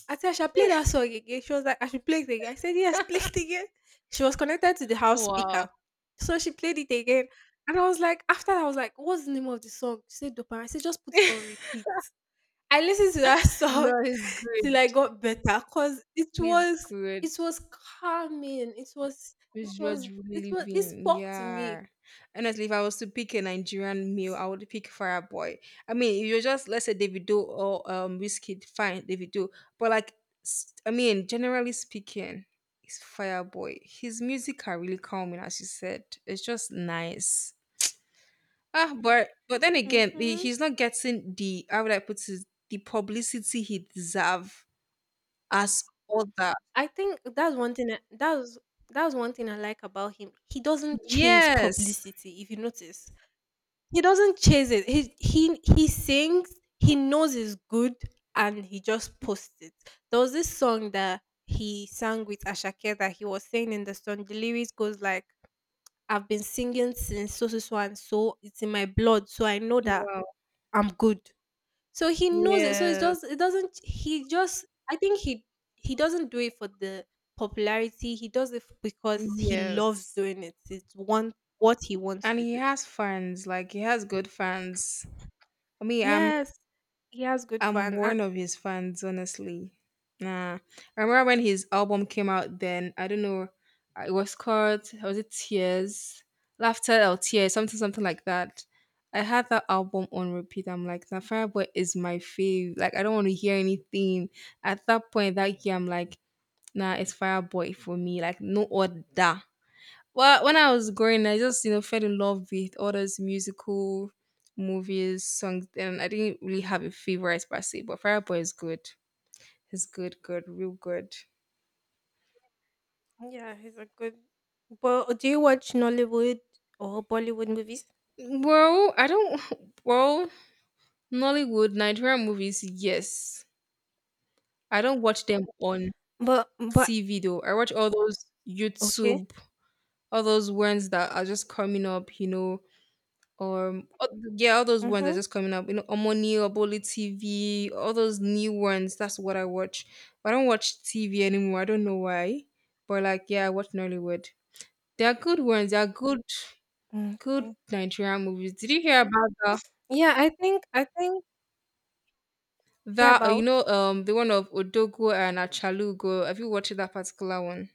[SPEAKER 2] Auntie, I should play that song again. She was like, I should play it again. I said, Yes, play it again. She was connected to the house speaker.
[SPEAKER 1] Wow.
[SPEAKER 2] So she played it again. And I was like, after that, I was like, what's the name of the song? She said dopamine. I said, just put it on repeat. I listened to that song
[SPEAKER 1] No, he's
[SPEAKER 2] till
[SPEAKER 1] good.
[SPEAKER 2] I got better because it
[SPEAKER 1] He's
[SPEAKER 2] was
[SPEAKER 1] good.
[SPEAKER 2] it was calming. It was it
[SPEAKER 1] Which world
[SPEAKER 2] was
[SPEAKER 1] you
[SPEAKER 2] it
[SPEAKER 1] really live
[SPEAKER 2] was it
[SPEAKER 1] in?
[SPEAKER 2] spoke to me.
[SPEAKER 1] Yeah. Honestly, if I was to pick a Nigerian meal, I would pick Fireboy. I mean, if you're just let's say Davido or um Whiskey, fine, Davido. But like, s- I mean, generally speaking, it's Fireboy. His music are really calming, as you said. It's just nice. Ah, but but then again, he,
[SPEAKER 2] Mhm.
[SPEAKER 1] he's not getting the, how would I put it, the publicity he deserve as other.
[SPEAKER 2] I think that's one thing that that's that's one thing I like about him. He doesn't chase
[SPEAKER 1] Yes.
[SPEAKER 2] publicity, if you notice. He doesn't chase it. He he he sings. He knows it's good, and he just posts it. There was this song that he sang with Ashake that he was saying in the song. The lyrics goes like, "I've been singing since so so so and so. It's in my blood, so I know that
[SPEAKER 1] Wow.
[SPEAKER 2] I'm good." So he knows it. So it's just
[SPEAKER 1] Yes.
[SPEAKER 2] it doesn't. He just I think he he doesn't do it for the popularity. He does it because he loves
[SPEAKER 1] Yes.
[SPEAKER 2] doing it. It's one what he wants
[SPEAKER 1] And
[SPEAKER 2] to
[SPEAKER 1] he
[SPEAKER 2] do.
[SPEAKER 1] has fans, like he has good fans. For me, I'm
[SPEAKER 2] Yes, he has good
[SPEAKER 1] I'm
[SPEAKER 2] fun. Uh,
[SPEAKER 1] one of his fans, honestly. Nah. I remember when his album came out then, I don't know, uh, it was called was it Tears? Laughter or Tears, something something like that. I had that album on repeat. I'm like, the Fireboy is my fave. Like I don't want to hear anything. At that point that year, I'm like, nah, it's Fireboy for me. Like no other. Well, when I was growing, I just you know fell in love with all those musical movies, songs, and I didn't really have a favorite per se. But Fireboy is good. It's good, good, real good.
[SPEAKER 2] yeah, he's a good. But do you watch Nollywood or Bollywood movies?
[SPEAKER 1] Well, I don't. Well, Nollywood Nigerian movies, yes. I don't watch them on
[SPEAKER 2] But but
[SPEAKER 1] T V though. I watch all those
[SPEAKER 2] okay.
[SPEAKER 1] YouTube, all those ones that are just coming up. You know, Um, all- yeah, all those ones are
[SPEAKER 2] Mhm.
[SPEAKER 1] just coming up. You know, Omoni, Oboli T V, all those new ones. That's what I watch. I don't watch T V anymore. I don't know why, but like, yeah, I watch Nollywood. They are good ones. They are good, good
[SPEAKER 2] Okay.
[SPEAKER 1] Nigerian movies. Did you hear about that?
[SPEAKER 2] Yeah, I think I think hear
[SPEAKER 1] That uh, you
[SPEAKER 2] about.
[SPEAKER 1] know, um, the one of Odogo and Achalugo. Have you watched that particular one?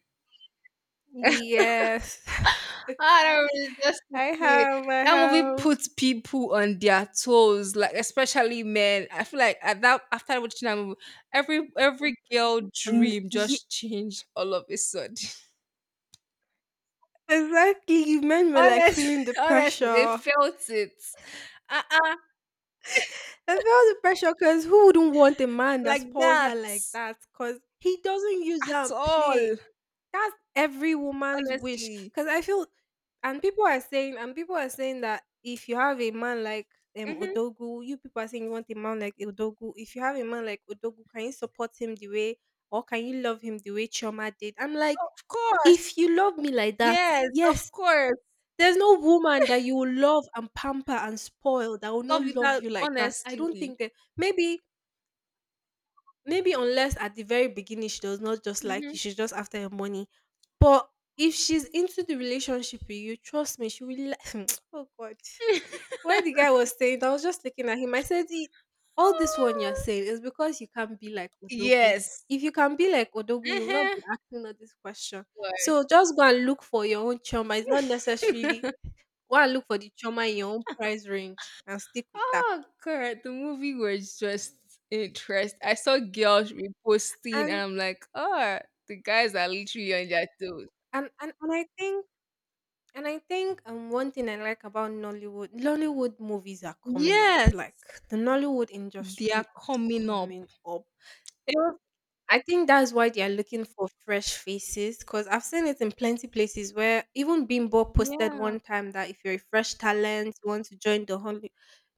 [SPEAKER 2] Yes.
[SPEAKER 1] I don't
[SPEAKER 2] I
[SPEAKER 1] Unrealistically,
[SPEAKER 2] have, I
[SPEAKER 1] that movie
[SPEAKER 2] have.
[SPEAKER 1] puts people on their toes, like especially men. I feel like at that after watching that movie, every every girl
[SPEAKER 2] Mm,
[SPEAKER 1] dream
[SPEAKER 2] ye-
[SPEAKER 1] just changed all of a sudden.
[SPEAKER 2] exactly. You men were like
[SPEAKER 1] Honestly,
[SPEAKER 2] feeling the
[SPEAKER 1] honestly, they
[SPEAKER 2] pressure.
[SPEAKER 1] felt it. Uh-uh,
[SPEAKER 2] I felt the pressure because who wouldn't want a man that
[SPEAKER 1] like
[SPEAKER 2] spoils
[SPEAKER 1] that
[SPEAKER 2] her like that? Because he doesn't use her
[SPEAKER 1] at
[SPEAKER 2] and play.
[SPEAKER 1] all.
[SPEAKER 2] Every woman's wish,
[SPEAKER 1] Honestly,
[SPEAKER 2] because I feel and people are saying and people are saying that if you have a man like um
[SPEAKER 1] hmm of
[SPEAKER 2] Odogu. You people are saying you want a man like Odogu. If you have a man like Odogu, can you support him the way, or can you love him the way Chioma did? I'm like,
[SPEAKER 1] course,
[SPEAKER 2] if you love me like that,
[SPEAKER 1] yes, of
[SPEAKER 2] yes,
[SPEAKER 1] course.
[SPEAKER 2] there's no woman that you will love and pamper and spoil that will not
[SPEAKER 1] Love
[SPEAKER 2] love
[SPEAKER 1] without
[SPEAKER 2] you like that. I don't
[SPEAKER 1] honestly.
[SPEAKER 2] think that maybe maybe unless at the very beginning she does not just like you,
[SPEAKER 1] Hmm.
[SPEAKER 2] she's just after your money. But if she's into the relationship with you, trust me, she will. Li- oh God, why the guy was saying, I was just looking at him. I said, "E- all this one you're saying is because you can't be like Odogu.
[SPEAKER 1] Yes.
[SPEAKER 2] If you can be like Odogu, you will not
[SPEAKER 1] Mhm.
[SPEAKER 2] be asking all this question. So just go and look for your own Choma. It's not necessarily go and look for the choma in your own price range and stick with that."
[SPEAKER 1] Oh, God! The movie was just interest. I saw girls reposting, and
[SPEAKER 2] And
[SPEAKER 1] I'm like, oh, the guys are literally on their toes.
[SPEAKER 2] and and, and I think And I think um one thing I like about Nollywood, Nollywood movies are coming up.
[SPEAKER 1] Yes,
[SPEAKER 2] Like the Nollywood
[SPEAKER 1] they
[SPEAKER 2] industry
[SPEAKER 1] are
[SPEAKER 2] is
[SPEAKER 1] coming up.
[SPEAKER 2] coming up.
[SPEAKER 1] It was,
[SPEAKER 2] I think that's why they are looking for fresh faces, because I've seen it in plenty places where even Bimbo posted
[SPEAKER 1] yeah,
[SPEAKER 2] one time that if you're a fresh talent, you want to join the Holly-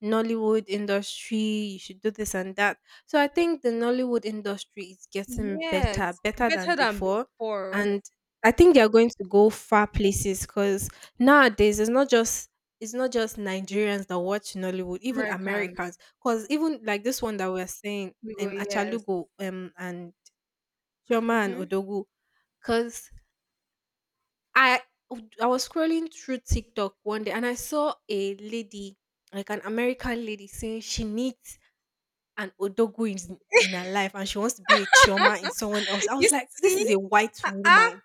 [SPEAKER 2] Nollywood industry, you should do this and that. So I think the Nollywood industry is getting
[SPEAKER 1] yes,
[SPEAKER 2] better, better than
[SPEAKER 1] better than
[SPEAKER 2] before.
[SPEAKER 1] before.
[SPEAKER 2] And I think they are going to go far places because nowadays it's not just it's not just Nigerians that watch Nollywood, even
[SPEAKER 1] American,
[SPEAKER 2] Americans. Because even like this one that we're saying,
[SPEAKER 1] we go
[SPEAKER 2] um,
[SPEAKER 1] yes.
[SPEAKER 2] Achalugo, um, and Chioma and
[SPEAKER 1] Hmm.
[SPEAKER 2] Odogu, cause I I was scrolling through TikTok one day and I saw a lady, like an American lady, saying she needs an Odogu in, in her life and she wants to be a Chioma in someone else. I
[SPEAKER 1] You
[SPEAKER 2] was like, this
[SPEAKER 1] see,
[SPEAKER 2] is a white
[SPEAKER 1] uh-uh.
[SPEAKER 2] woman.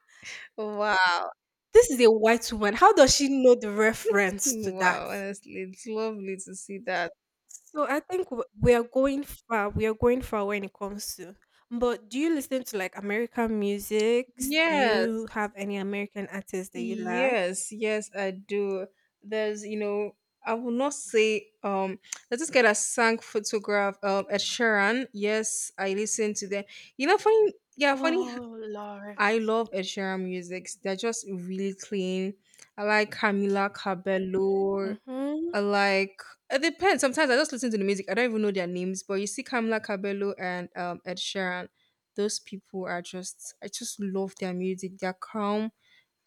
[SPEAKER 1] Wow,
[SPEAKER 2] This is a white woman. How does she know the reference to that?
[SPEAKER 1] wow. Honestly, it's lovely to see that.
[SPEAKER 2] So I think w- we are going far. We are going far when it comes to. But do you listen to like American music? Do
[SPEAKER 1] Yes.
[SPEAKER 2] you have any American artists that you like?
[SPEAKER 1] Yes, yes, I do. There's, you know, I will not say um there's this guy that sang photograph um Ed Sheeran. Yes, I listen to them. You know, funny yeah, funny
[SPEAKER 2] Oh, Lord.
[SPEAKER 1] I love Ed Sheeran music. They're just really clean. I like Camila Cabello.
[SPEAKER 2] Mhm.
[SPEAKER 1] I like It depends. Sometimes I just listen to the music. I don't even know their names, but you see Camila Cabello and um Ed Sheeran. Those people are just I just love their music. They're calm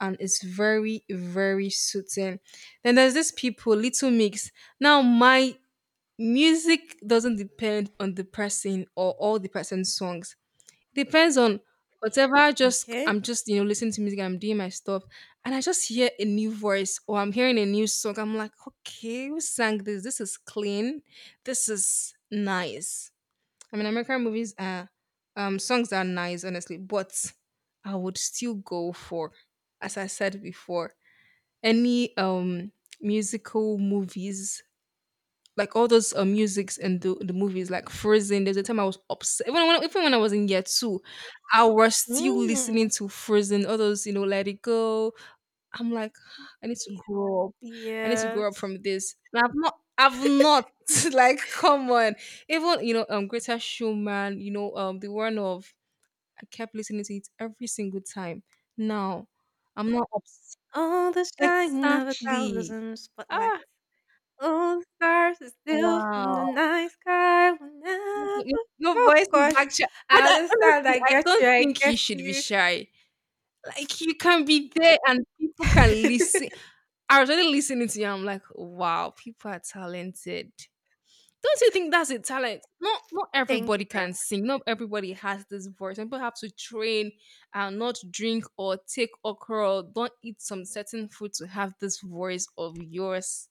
[SPEAKER 1] and it's very very soothing. Then there's these people, little mix. Now my music doesn't depend on the person or all the person's songs. It depends on whatever. I just
[SPEAKER 2] Okay.
[SPEAKER 1] I'm just you know listening to music, I'm doing my stuff, and I just hear a new voice or I'm hearing a new song. I'm like, okay, who sang this? This is clean. This is nice. I mean, American movies are um songs are nice, honestly, but I would still go for, as I said before, any um musical movies like all those uh, musics and the, the movies like Frozen. There's a time I was upset even when even when I was in year two, I was still listening
[SPEAKER 2] Mm.
[SPEAKER 1] to Frozen. All those you know, Let It Go, I'm like, I need to grow up. I need to grow up
[SPEAKER 2] Yes.
[SPEAKER 1] from this. And I've not, I've not. Like, come on. Even you know, um, Greta Schumann. You know, um, the one of I kept listening to it every single time. Now, I'm not obs-
[SPEAKER 2] Oh, the shine of a
[SPEAKER 1] exactly.
[SPEAKER 2] thousand spotlights.
[SPEAKER 1] Ah,
[SPEAKER 2] All the stars are still from the
[SPEAKER 1] wow.
[SPEAKER 2] night sky will
[SPEAKER 1] Your,
[SPEAKER 2] never.
[SPEAKER 1] your- your
[SPEAKER 2] Oh
[SPEAKER 1] voice is
[SPEAKER 2] gosh,
[SPEAKER 1] actually. I,
[SPEAKER 2] I
[SPEAKER 1] I,
[SPEAKER 2] understand.
[SPEAKER 1] honestly,
[SPEAKER 2] I
[SPEAKER 1] I
[SPEAKER 2] get
[SPEAKER 1] don't
[SPEAKER 2] you. I
[SPEAKER 1] think you
[SPEAKER 2] get
[SPEAKER 1] should be
[SPEAKER 2] you.
[SPEAKER 1] shy. Like you can be there and people can listen. I was already listening to you. I'm like, wow, people are talented. Don't you think that's a talent? Not not
[SPEAKER 2] Thank you
[SPEAKER 1] everybody
[SPEAKER 2] very
[SPEAKER 1] can
[SPEAKER 2] much.
[SPEAKER 1] sing. Not everybody has this voice. And people have to train and not drink or take okra. Or don't eat some certain food to have this voice of yours.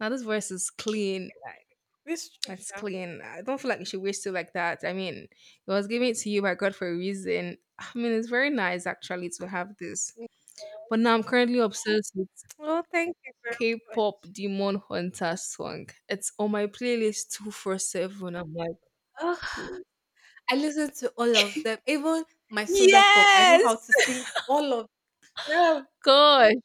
[SPEAKER 1] Now this voice is clean.
[SPEAKER 2] Miss
[SPEAKER 1] Like it's
[SPEAKER 2] Trisha.
[SPEAKER 1] clean. I don't feel like you should waste it like that. I mean, it was given to you by God for a reason. I mean, it's very nice actually to have this. But now I'm currently obsessed
[SPEAKER 2] Oh, thank you very much.
[SPEAKER 1] K-pop demon hunter song. It's on my playlist twenty-four seven. I'm like, "Ah,
[SPEAKER 2] Oh,
[SPEAKER 1] please.
[SPEAKER 2] I listen to all of them, even my soda pop. I know how
[SPEAKER 1] Yes!
[SPEAKER 2] to sing all of them.
[SPEAKER 1] Gosh.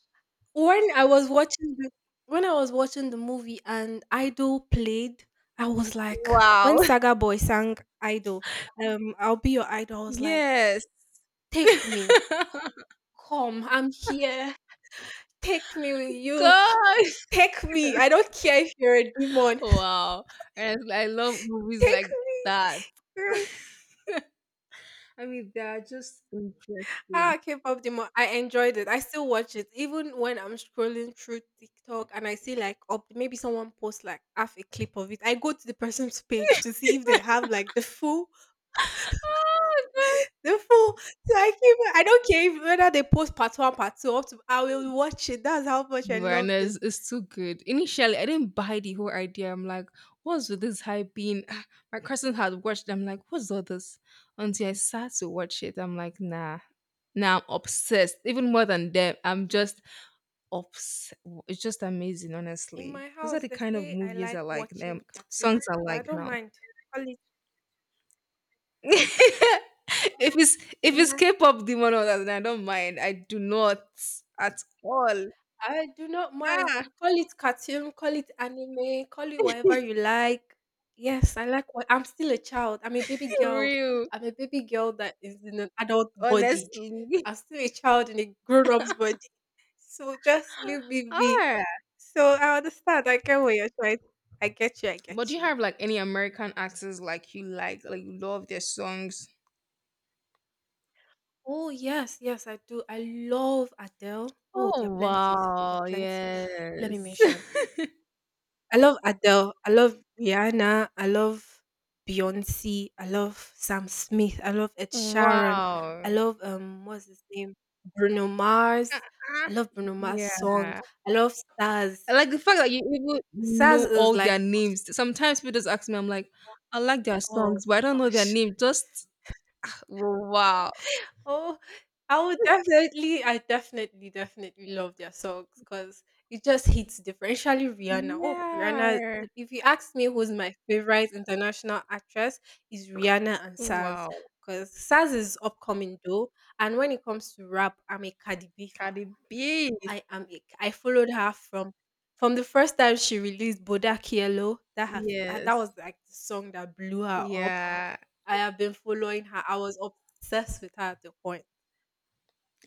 [SPEAKER 2] When I was watching the when I was watching the movie and Idol played, I was like, when
[SPEAKER 1] Wow.
[SPEAKER 2] Saga Boy sang Idol, um, I'll be your idol. I was like,
[SPEAKER 1] Yes.
[SPEAKER 2] take me, come, I'm here. Take me with you.
[SPEAKER 1] Gosh.
[SPEAKER 2] Take me. I don't care if you're a demon.
[SPEAKER 1] Wow. And it's like, I love movies
[SPEAKER 2] Take
[SPEAKER 1] like that.
[SPEAKER 2] me.
[SPEAKER 1] I mean, they are just
[SPEAKER 2] Ah,
[SPEAKER 1] interesting.
[SPEAKER 2] K-pop demon. I enjoyed it. I still watch it even when I'm scrolling through TikTok and I see like up maybe someone posts like half a clip of it. I go to the person's page to see if they have like the full,
[SPEAKER 1] Oh,
[SPEAKER 2] the full. So I keep. I don't care if, whether they post part one, part two. Up to I will watch it. That's how much I loved it.
[SPEAKER 1] awareness is too good. Initially, I didn't buy the whole idea. I'm like, what's with this hype being? Ah, my cousin had watched it. I'm like, what's all this? Until I sat to watch it, I'm like, nah. Now I'm obsessed, even more than them. I'm just obs. It's just amazing,
[SPEAKER 2] In
[SPEAKER 1] honestly.
[SPEAKER 2] my
[SPEAKER 1] Those are
[SPEAKER 2] house,
[SPEAKER 1] the
[SPEAKER 2] they
[SPEAKER 1] kind of
[SPEAKER 2] say I
[SPEAKER 1] movies I
[SPEAKER 2] like
[SPEAKER 1] like.
[SPEAKER 2] watching
[SPEAKER 1] Um, songs
[SPEAKER 2] cartoon,
[SPEAKER 1] I
[SPEAKER 2] but I
[SPEAKER 1] like
[SPEAKER 2] don't
[SPEAKER 1] now.
[SPEAKER 2] mind. Call it
[SPEAKER 1] If it's if
[SPEAKER 2] in
[SPEAKER 1] it's
[SPEAKER 2] my
[SPEAKER 1] K-pop demon, then I don't mind. I do not at all.
[SPEAKER 2] I do not mind.
[SPEAKER 1] Ah,
[SPEAKER 2] Call it cartoon, call it anime, call it whatever you like. Yes, I like what I'm still a child. I'm a baby
[SPEAKER 1] for
[SPEAKER 2] girl.
[SPEAKER 1] real,
[SPEAKER 2] I'm a baby girl that is in an adult body.
[SPEAKER 1] honestly.
[SPEAKER 2] I'm still a child in a grown up's body. So just leave me be.
[SPEAKER 1] Ah,
[SPEAKER 2] So I understand. I get what you're trying. I get you. I
[SPEAKER 1] but do
[SPEAKER 2] get
[SPEAKER 1] you
[SPEAKER 2] you.
[SPEAKER 1] have like any American actors like you like, like you love their songs?
[SPEAKER 2] Oh yes, yes, I do. I love Adele. Oh, there are
[SPEAKER 1] Oh
[SPEAKER 2] plenty. There are
[SPEAKER 1] wow,
[SPEAKER 2] plenty. Let me
[SPEAKER 1] yes.
[SPEAKER 2] mention. I love Adele. I love Rihanna. I love Beyonce. I love Sam Smith. I love Ed Sheeran. I
[SPEAKER 1] Wow.
[SPEAKER 2] love um what's his name? Bruno Mars. I
[SPEAKER 1] Uh-uh.
[SPEAKER 2] love Bruno Mars song.
[SPEAKER 1] Yeah.
[SPEAKER 2] I love Stars.
[SPEAKER 1] I like the fact that you even
[SPEAKER 2] Stars
[SPEAKER 1] know
[SPEAKER 2] is
[SPEAKER 1] all
[SPEAKER 2] like
[SPEAKER 1] their names. Sometimes people just ask me, I'm like, I like their
[SPEAKER 2] oh
[SPEAKER 1] songs, but I don't know their
[SPEAKER 2] gosh.
[SPEAKER 1] name. Just wow.
[SPEAKER 2] Oh, I would definitely, I definitely, definitely love their songs because it just hits different. Especially Rihanna. Oh, Rihanna.
[SPEAKER 1] Yeah.
[SPEAKER 2] If you ask me who's my favorite international actress, is Rihanna and Saz.
[SPEAKER 1] Wow.
[SPEAKER 2] Because Saz is upcoming though, and when it comes to rap, I'm a Cardi B fan.
[SPEAKER 1] Cardi B.
[SPEAKER 2] I am a, I followed her from from the first time she released Bodak Yellow. That has that was
[SPEAKER 1] Yes.
[SPEAKER 2] like the song that blew her up.
[SPEAKER 1] Yeah.
[SPEAKER 2] I have been following her. I was obsessed with her at the point.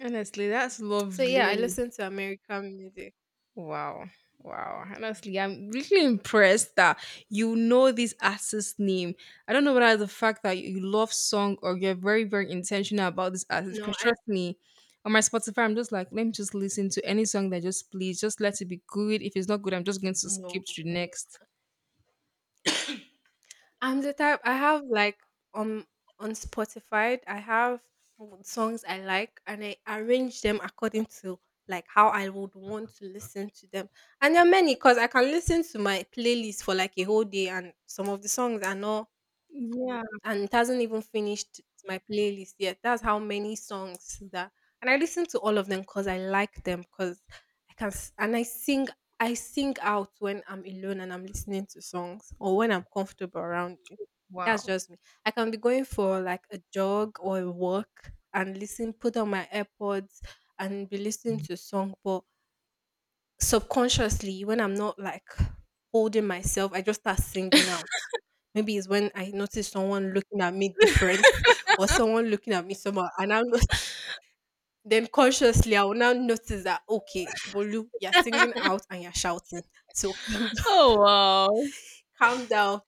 [SPEAKER 1] Honestly, that's
[SPEAKER 2] So yeah, I
[SPEAKER 1] lovely.
[SPEAKER 2] listen to American music.
[SPEAKER 1] Wow. Wow. Honestly, I'm really impressed that you know this artist's name. I don't know whether the fact that you love song or you're very, very intentional about this artist.
[SPEAKER 2] No,
[SPEAKER 1] Because
[SPEAKER 2] I
[SPEAKER 1] trust me, on my Spotify, I'm just like, let me just listen to any song that just please, just let it be good. If it's not good, I'm just going to
[SPEAKER 2] no,
[SPEAKER 1] skip to the
[SPEAKER 2] no, no.
[SPEAKER 1] next.
[SPEAKER 2] I'm the type I have like um on Spotify, I have w- songs I like and I arrange them according to like how I would want to listen to them. And there are many because I can listen to my playlist for like a whole day and some of the songs are not
[SPEAKER 1] Yeah.
[SPEAKER 2] and it hasn't even finished my playlist yet. That's how many songs that, and I listen to all of them because I like them because I can s- and I sing. I sing out when I'm alone and I'm listening to songs or when I'm comfortable around you. That's
[SPEAKER 1] Wow.
[SPEAKER 2] just me. I can be going for like a jog or a walk and listen, put on my AirPods and be listening to song. But subconsciously when I'm not like holding myself, I just start singing out. Maybe it's when I notice someone looking at me different or someone looking at me somehow and I'm not, then consciously I will now notice that okay, Bolu, you're singing out and you're shouting. So calm down,
[SPEAKER 1] Oh wow.
[SPEAKER 2] calm down,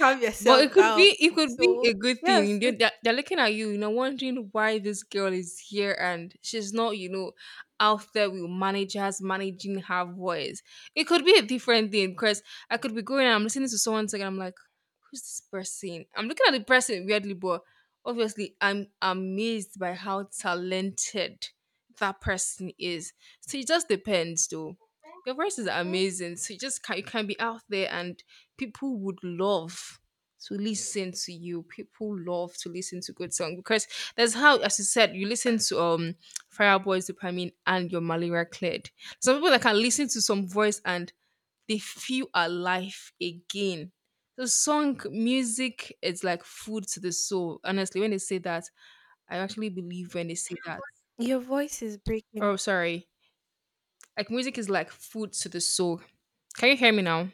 [SPEAKER 2] calm
[SPEAKER 1] But it
[SPEAKER 2] yourself
[SPEAKER 1] could
[SPEAKER 2] down.
[SPEAKER 1] be it could be
[SPEAKER 2] So
[SPEAKER 1] a good
[SPEAKER 2] yes,
[SPEAKER 1] thing. They-
[SPEAKER 2] it,
[SPEAKER 1] They're, they're looking at you, you know, wondering why this girl is here and she's not, you know, out there with managers managing her voice. It could be a different thing because I could be going and I'm listening to someone sing and I'm like, who's this person? I'm looking at the person weirdly, but obviously I'm amazed by how talented that person is. So it just depends though. Your voice is
[SPEAKER 2] mhm.
[SPEAKER 1] amazing. So you just can you can be out there and people would love to listen to you. People love to listen to good song because that's how, as you said, you listen to um Fireboy's dopamine and your malaria cleared. Some people that can listen to some voice and they feel alive again. So song music is like food to the soul. Honestly, when they say that, I actually believe when they say that.
[SPEAKER 2] Your voice is breaking.
[SPEAKER 1] Oh, sorry. Like music is like food to the soul. Can you hear me now?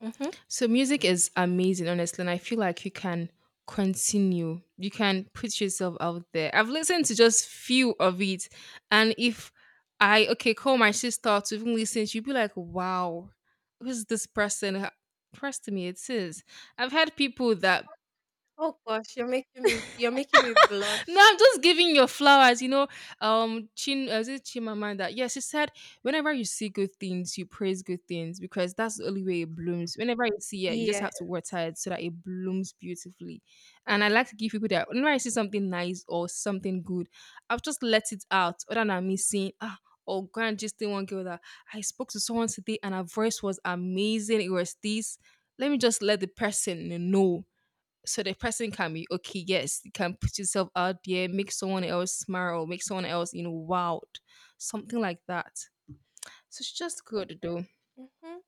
[SPEAKER 2] Hmm.
[SPEAKER 1] So music is amazing, honestly, and I feel like you can continue. You can put yourself out there. I've listened to just few of it, and if I okay call my sister to even listen, she'd be like, "Wow, who's this person?" Trust me, it is. I've had people that
[SPEAKER 2] Oh gosh, you're making me you're making me
[SPEAKER 1] no,
[SPEAKER 2] blush.
[SPEAKER 1] I'm just giving your flowers. You know, um, Chin, uh, is it Chimamanda? Yes, she said, whenever you see good things, you praise good things because that's the only way it blooms. Whenever you see it, you just
[SPEAKER 2] Yeah.
[SPEAKER 1] have to water it so that it blooms beautifully. And I like to give people that whenever I see something nice or something good, I've just let it out other than me saying, ah, or grand just the one girl that I spoke to someone today and her voice was amazing. It was this. Let me just let the person know so the person can be okay, yes, you can put yourself out there, make someone else smile or make someone else you know wowed, something like that. So it's just good though.
[SPEAKER 2] Hmm.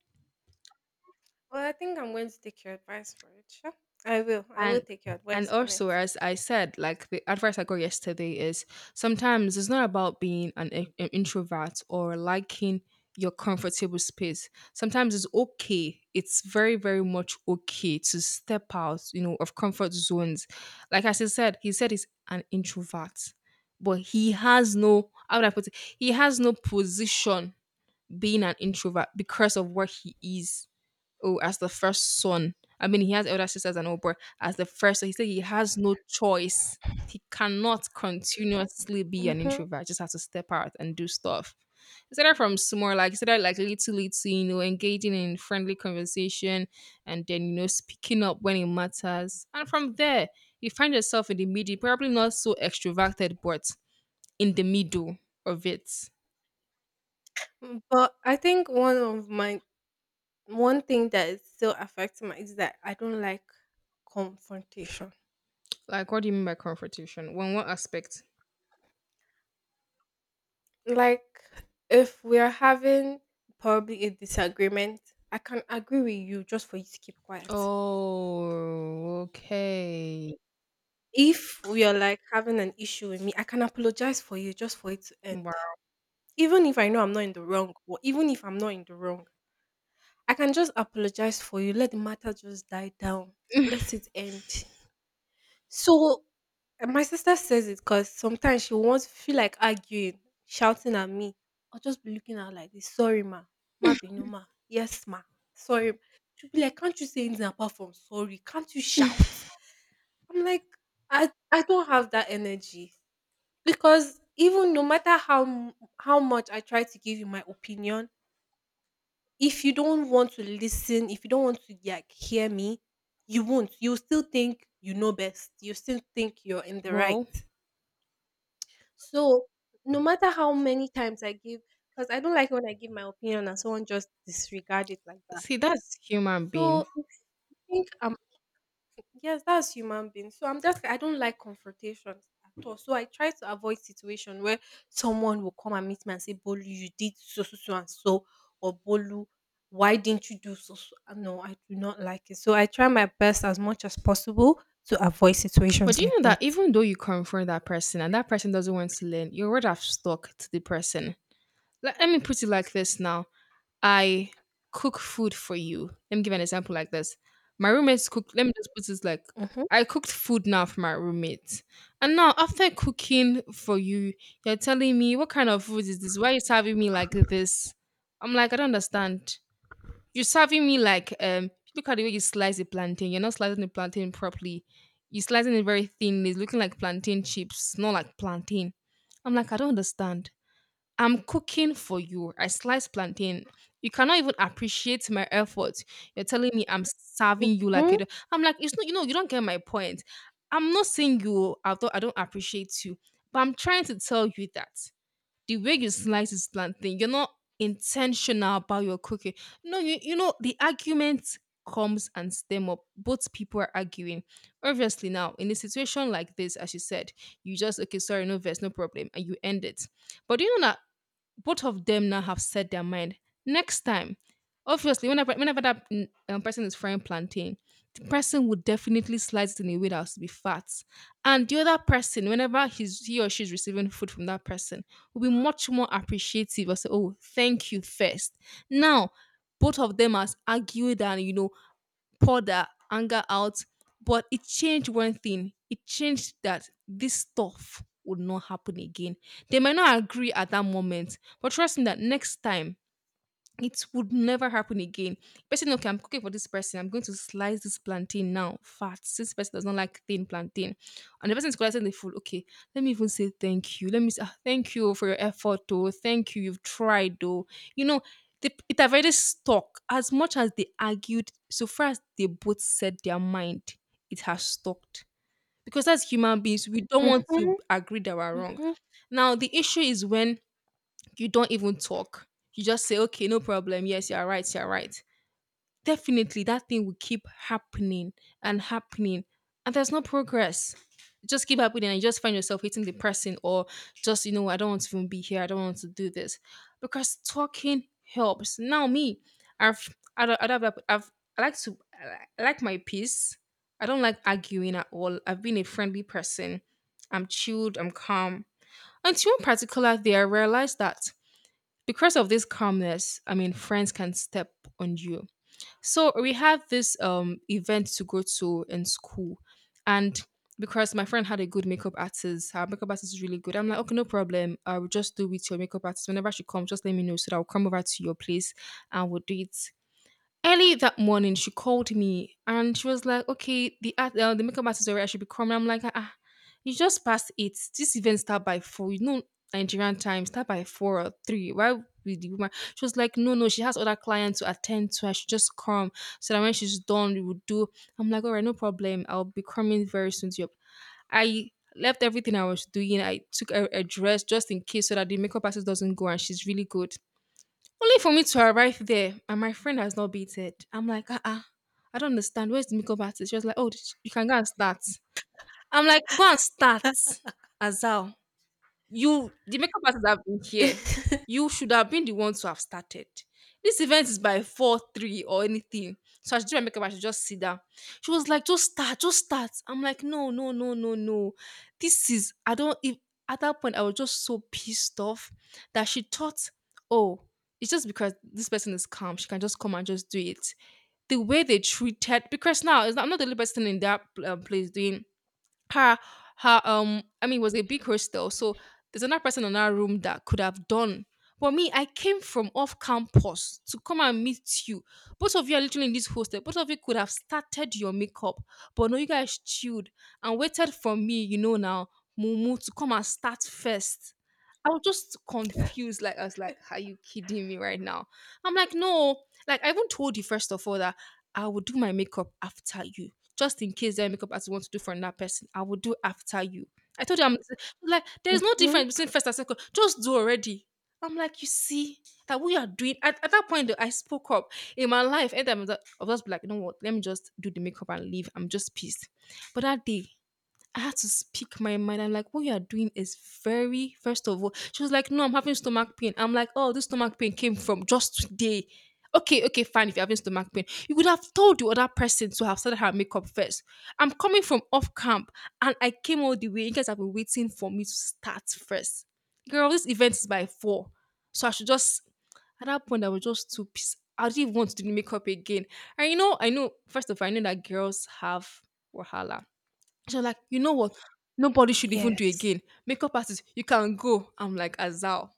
[SPEAKER 2] Well, I think I'm going to take your advice for it. Sure. I will. I will
[SPEAKER 1] And
[SPEAKER 2] take your
[SPEAKER 1] and
[SPEAKER 2] advice on it.
[SPEAKER 1] also, as I said, like the advice I got yesterday is sometimes it's not about being an, i- an introvert or liking your comfortable space. Sometimes it's okay. It's very, very much okay to step out, you know, of comfort zones. Like as he said, he said he's an introvert, but he has no how would I put it? He has no position being an introvert because of what he is. Oh, as the first son. I mean, he has elder sisters and all, but as the first, so he said he has no choice. He cannot continuously be an
[SPEAKER 2] Mm-hmm.
[SPEAKER 1] introvert. Just has to step out and do stuff. Instead of from small, like instead of like little, little, you know, engaging in friendly conversation, and then you know, speaking up when it matters. And from there, you find yourself in the middle, probably not so extroverted, but in the middle of it.
[SPEAKER 2] But I think one of my one thing that is still affecting my is that I don't like confrontation.
[SPEAKER 1] Like, what do you mean by confrontation? When what aspect?
[SPEAKER 2] Like if we are having probably a disagreement, I can agree with you just for you to keep quiet.
[SPEAKER 1] Oh, okay.
[SPEAKER 2] If we are like having an issue with me, I can apologize for you just for it to end.
[SPEAKER 1] Wow.
[SPEAKER 2] Even if I know I'm not in the wrong, or even if I'm not in the wrong. I can just apologize for you. Let the matter just die down. Let it end. So and my sister says it because sometimes she wants to feel like arguing, shouting at me, or just be looking at her like this. Sorry, ma. Ma binu ma. Yes, ma. Sorry. She'll be like, "Can't you say anything apart from sorry? Can't you shout?" I'm like, I I don't have that energy. Because even no matter how m- how much I try to give you my opinion, if you don't want to listen, if you don't want to like hear me, you won't. You still think you know best. You still think you're in the right.
[SPEAKER 1] Well,
[SPEAKER 2] So no matter how many times I give, because I don't like when I give my opinion and someone just disregard it like that.
[SPEAKER 1] see, that's human being.
[SPEAKER 2] So if you think I'm yes, that's human being. So I'm just I don't like confrontations at all. So I try to avoid situation where someone will come and meet me and say, "Bolu, you did so so so and so," or "Bolu, why didn't you do so so." Uh, no, I do not like it. So I try my best as much as possible to avoid
[SPEAKER 1] But
[SPEAKER 2] situations
[SPEAKER 1] do
[SPEAKER 2] like
[SPEAKER 1] you know
[SPEAKER 2] that.
[SPEAKER 1] that even though you confront that person and that person doesn't want to learn, you already have stuck to the person. Let, let me put it like this now. I cook food for you. Let me give an example like this. My roommates cook, let me just put this like,
[SPEAKER 2] Mm-hmm.
[SPEAKER 1] I cooked food now for my roommates. And now, after cooking for you, you're telling me, what kind of food is this? Why are you serving me like this? I'm like, I don't understand. You're serving me like, um look at the way you slice a plantain. You're not slicing the plantain properly. You're slicing it very thinly. It's looking like plantain chips, not like plantain. I'm like, I don't understand. I'm cooking for you. I slice plantain. You cannot even appreciate my effort. You're telling me I'm serving you like
[SPEAKER 2] Mm-hmm.
[SPEAKER 1] it. I'm like, it's not, you know, you don't get my point. I'm not saying you, although I don't appreciate you, but I'm trying to tell you that the way you slice this plantain, you're not intentional about your cooking. No, you you know the argument comes and stem up. Both people are arguing. Obviously, now in a situation like this, as you said, you just okay, sorry, no verse, no problem, and you end it. But do you know that both of them now have set their mind. Next time, obviously, whenever whenever that, mm, um, person is frying plantain, the person would definitely slice it in a way that has to be fat, and the other person, whenever he's he or she's receiving food from that person, will be much more appreciative. I say, oh, thank you first. Now, both of them has argued and you know pour their anger out. But it changed one thing. It changed that this stuff would not happen again. They might not agree at that moment, but trust me that next time it would never happen again. Person, okay, I'm cooking for this person. I'm going to slice this plantain now, fat. Since person does not like thin plantain, and the person is collecting the food. Okay, let me even say thank you. Let me say, "Ah, thank you for your effort, though. Thank you, you've tried, though." You know, they, it have already stuck. As much as they argued, so far as they both said their mind, it has stuck. Because as human beings, we don't want
[SPEAKER 2] Mm-hmm.
[SPEAKER 1] to agree that we're wrong.
[SPEAKER 2] Mm-hmm.
[SPEAKER 1] Now, the issue is when you don't even talk. You just say, okay, no problem. Yes, you're right. You're right. Definitely, that thing will keep happening and happening, and there's no progress. It just keep happening, and you just find yourself hating the person, or just, you know, I don't want to even be here. I don't want to do this because talking helps. Now, me, I've I don't, I don't have, I've I like to, I like my peace. I don't like arguing at all. I've been a friendly person. I'm chilled. I'm calm. Until one particular day, I realized that because of this calmness, I mean, friends can step on you. So we had this um event to go to in school, and because my friend had a good makeup artist, her makeup artist is really good. I'm like, okay, no problem. I will just do with your makeup artist. Whenever she comes, just let me know so that I'll come over to your place and we'll do it. Early that morning, she called me and she was like, "Okay, the art, uh, the makeup artist already I should be coming." I'm like, "Ah, you just passed eight. This event start by four. You know Nigerian time start by four or three. Why would the woman?" She was like, "No, no, she has other clients to attend to. I should just come so that when she's done, we would do." I'm like, "All right, no problem. I'll be coming very soon to your..." I left everything I was doing. I took a, a dress just in case so that the makeup artist doesn't go and she's really good. Only for me to arrive there and my friend has not beaten. I'm like, ah, uh-uh, I don't understand. Where's the makeup artist? She was like, oh, you can go and start. I'm like, go and start, Azal. You, the makeup artist have been here. You should have been the one to have started. This event is by four three or anything. So as I should do my makeup, I should just sit down. She was like, just start, just start. I'm like, no, no, no, no, no. This is, I don't, if, at that point, I was just so pissed off that she thought, oh, it's just because this person is calm. She can just come and just do it the way they treated, because now it's not, I'm not the only person in that, um, place doing her, her, um I mean it was a big hostel, so there's another person in our room that could have done. But me, I came from off campus to come and meet you. Both of you are literally in this hostel. Both of you could have started your makeup, but no, you guys chilled and waited for me. You know now, Mumu to come and start first. I was just confused. Like I was like, "Are you kidding me right now?" I'm like, "No." Like I even told you first of all that I would do my makeup after you, just in case that makeup artist wants to do for another person, I will do after you. I told her, I'm like, there's no difference between first and second. Just do already. I'm like, you see that we are doing at, at that point. Though, I spoke up in my life, and I'm just, I'll like, you know what? Let me just do the makeup and leave. I'm just pissed. But that day, I had to speak my mind. I'm like, what you are doing is very, first of all, she was like, no, I'm having stomach pain. I'm like, oh, this stomach pain came from just today. Okay, okay, fine. If you're having stomach pain, you would have told the other person to have started her makeup first. I'm coming from off camp and I came all the way. You guys have been waiting for me to start first. Girl, this event is by four. So I should just, at that point, I was just too pissed. I didn't even want to do the makeup again. And you know, I know, first of all, I know that girls have wahala. She was like, you know what? Nobody should even do
[SPEAKER 2] Yes.
[SPEAKER 1] again. Makeup artist, you can go. I'm like, Azal.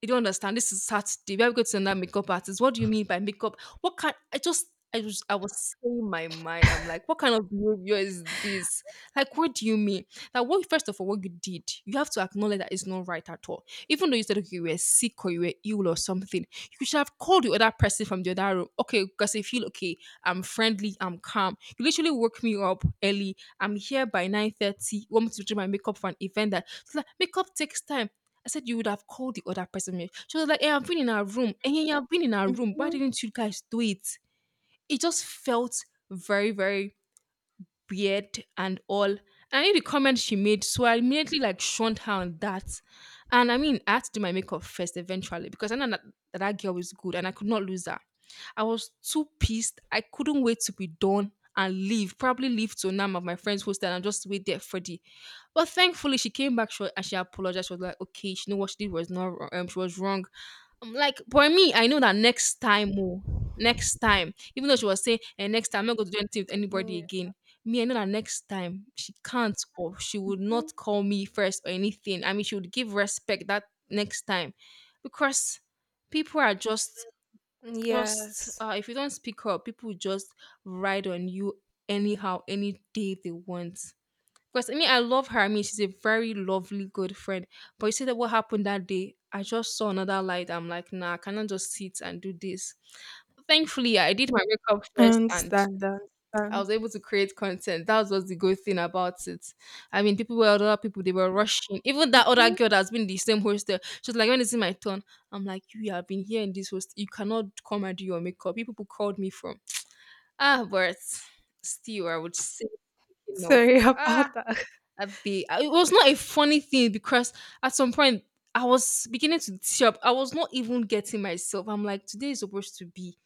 [SPEAKER 1] You don't understand. This is Saturday. We are going to another makeup artist. What do you mean by makeup? What kind? I just, I was, I was saying my mind. I'm like, what kind of behavior is this? Like, what do you mean? That what? First of all, what you did, you have to acknowledge that it's not right at all. Even though you said okay, you were sick or you were ill or something, you should have called the other person from the other room. Okay, because I feel okay. I'm friendly. I'm calm. You literally woke me up early. I'm here by nine thirty. Want me to do my makeup for an event that. It's like, makeup takes time. I said, you would have called the other person, ma'am. She was like, hey, I've been in our room. And yeah, I've been in our room. Why
[SPEAKER 2] Mm-hmm.
[SPEAKER 1] didn't you guys do it? It just felt very, very beard and all. I knew the comment she made, so I immediately like shunned her on that. And I mean, I had to do my makeup first eventually because I know that that, that girl is good and I could not lose her. I was too pissed. I couldn't wait to be done and leave. Probably leave to Nam of my friend's hostel and just wait there for the. But thankfully, she came back short and she apologized. She was like, okay, she knew what she did was not wrong. Um, she was wrong. I'm like, for me, I know that next time, oh, next time, even though she was saying, and next time, I'm not going to do anything with anybody
[SPEAKER 2] Mm-hmm.
[SPEAKER 1] again. Me, I know that next time she can't or she would not call me first or anything. I mean, she would give respect that next time, because people are just, just,
[SPEAKER 2] Yes.
[SPEAKER 1] uh, if you don't speak up, people will just ride on you anyhow, any day they want. Because I mean, I love her. I mean, she's a very lovely, good friend. But you see that what happened that day, I just saw another light. I'm like, nah, I cannot just sit and do this. Thankfully, I did my makeup
[SPEAKER 2] I
[SPEAKER 1] first and
[SPEAKER 2] understand, I
[SPEAKER 1] I
[SPEAKER 2] understand.
[SPEAKER 1] was able to create content. That was the good thing about it. I mean, people were other people, they were rushing. Even that other
[SPEAKER 2] Mhm.
[SPEAKER 1] girl that's been in the same hostel, she's like, when it's in my turn, I'm like, you have been here in this host. You cannot come and do your makeup. You people called me from. Ah, but still, I would say, you know,
[SPEAKER 2] Sorry about
[SPEAKER 1] ah,
[SPEAKER 2] that.
[SPEAKER 1] Abi, I- it was not a funny thing because at some point I was beginning to tear up. I was not even getting myself. I'm like, today is supposed to be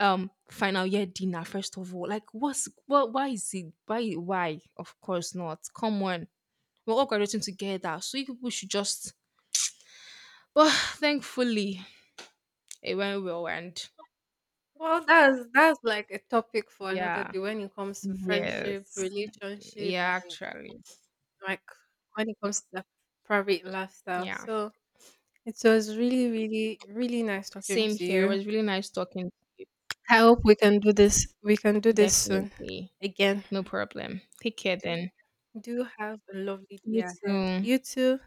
[SPEAKER 1] um final year dinner, first of all. Like, what's what? Why is it? Why? Why? Of course not. Come on, we're all graduating together, so you people should just. But thankfully, it went well, and
[SPEAKER 2] Well, that's that's like a topic for another
[SPEAKER 1] yeah,
[SPEAKER 2] day when it comes to friendship,
[SPEAKER 1] yes,
[SPEAKER 2] relationship,
[SPEAKER 1] yeah,
[SPEAKER 2] and
[SPEAKER 1] actually,
[SPEAKER 2] like when it comes to the private lifestyle.
[SPEAKER 1] yeah.
[SPEAKER 2] So it was really, really, really nice talking
[SPEAKER 1] Same
[SPEAKER 2] to
[SPEAKER 1] here. It
[SPEAKER 2] you.
[SPEAKER 1] was really nice talking to you.
[SPEAKER 2] I hope we can do this. We can do this soon
[SPEAKER 1] Definitely,
[SPEAKER 2] again.
[SPEAKER 1] no problem. Take care then.
[SPEAKER 2] Do have a lovely day
[SPEAKER 1] You
[SPEAKER 2] ahead.
[SPEAKER 1] too.
[SPEAKER 2] You too.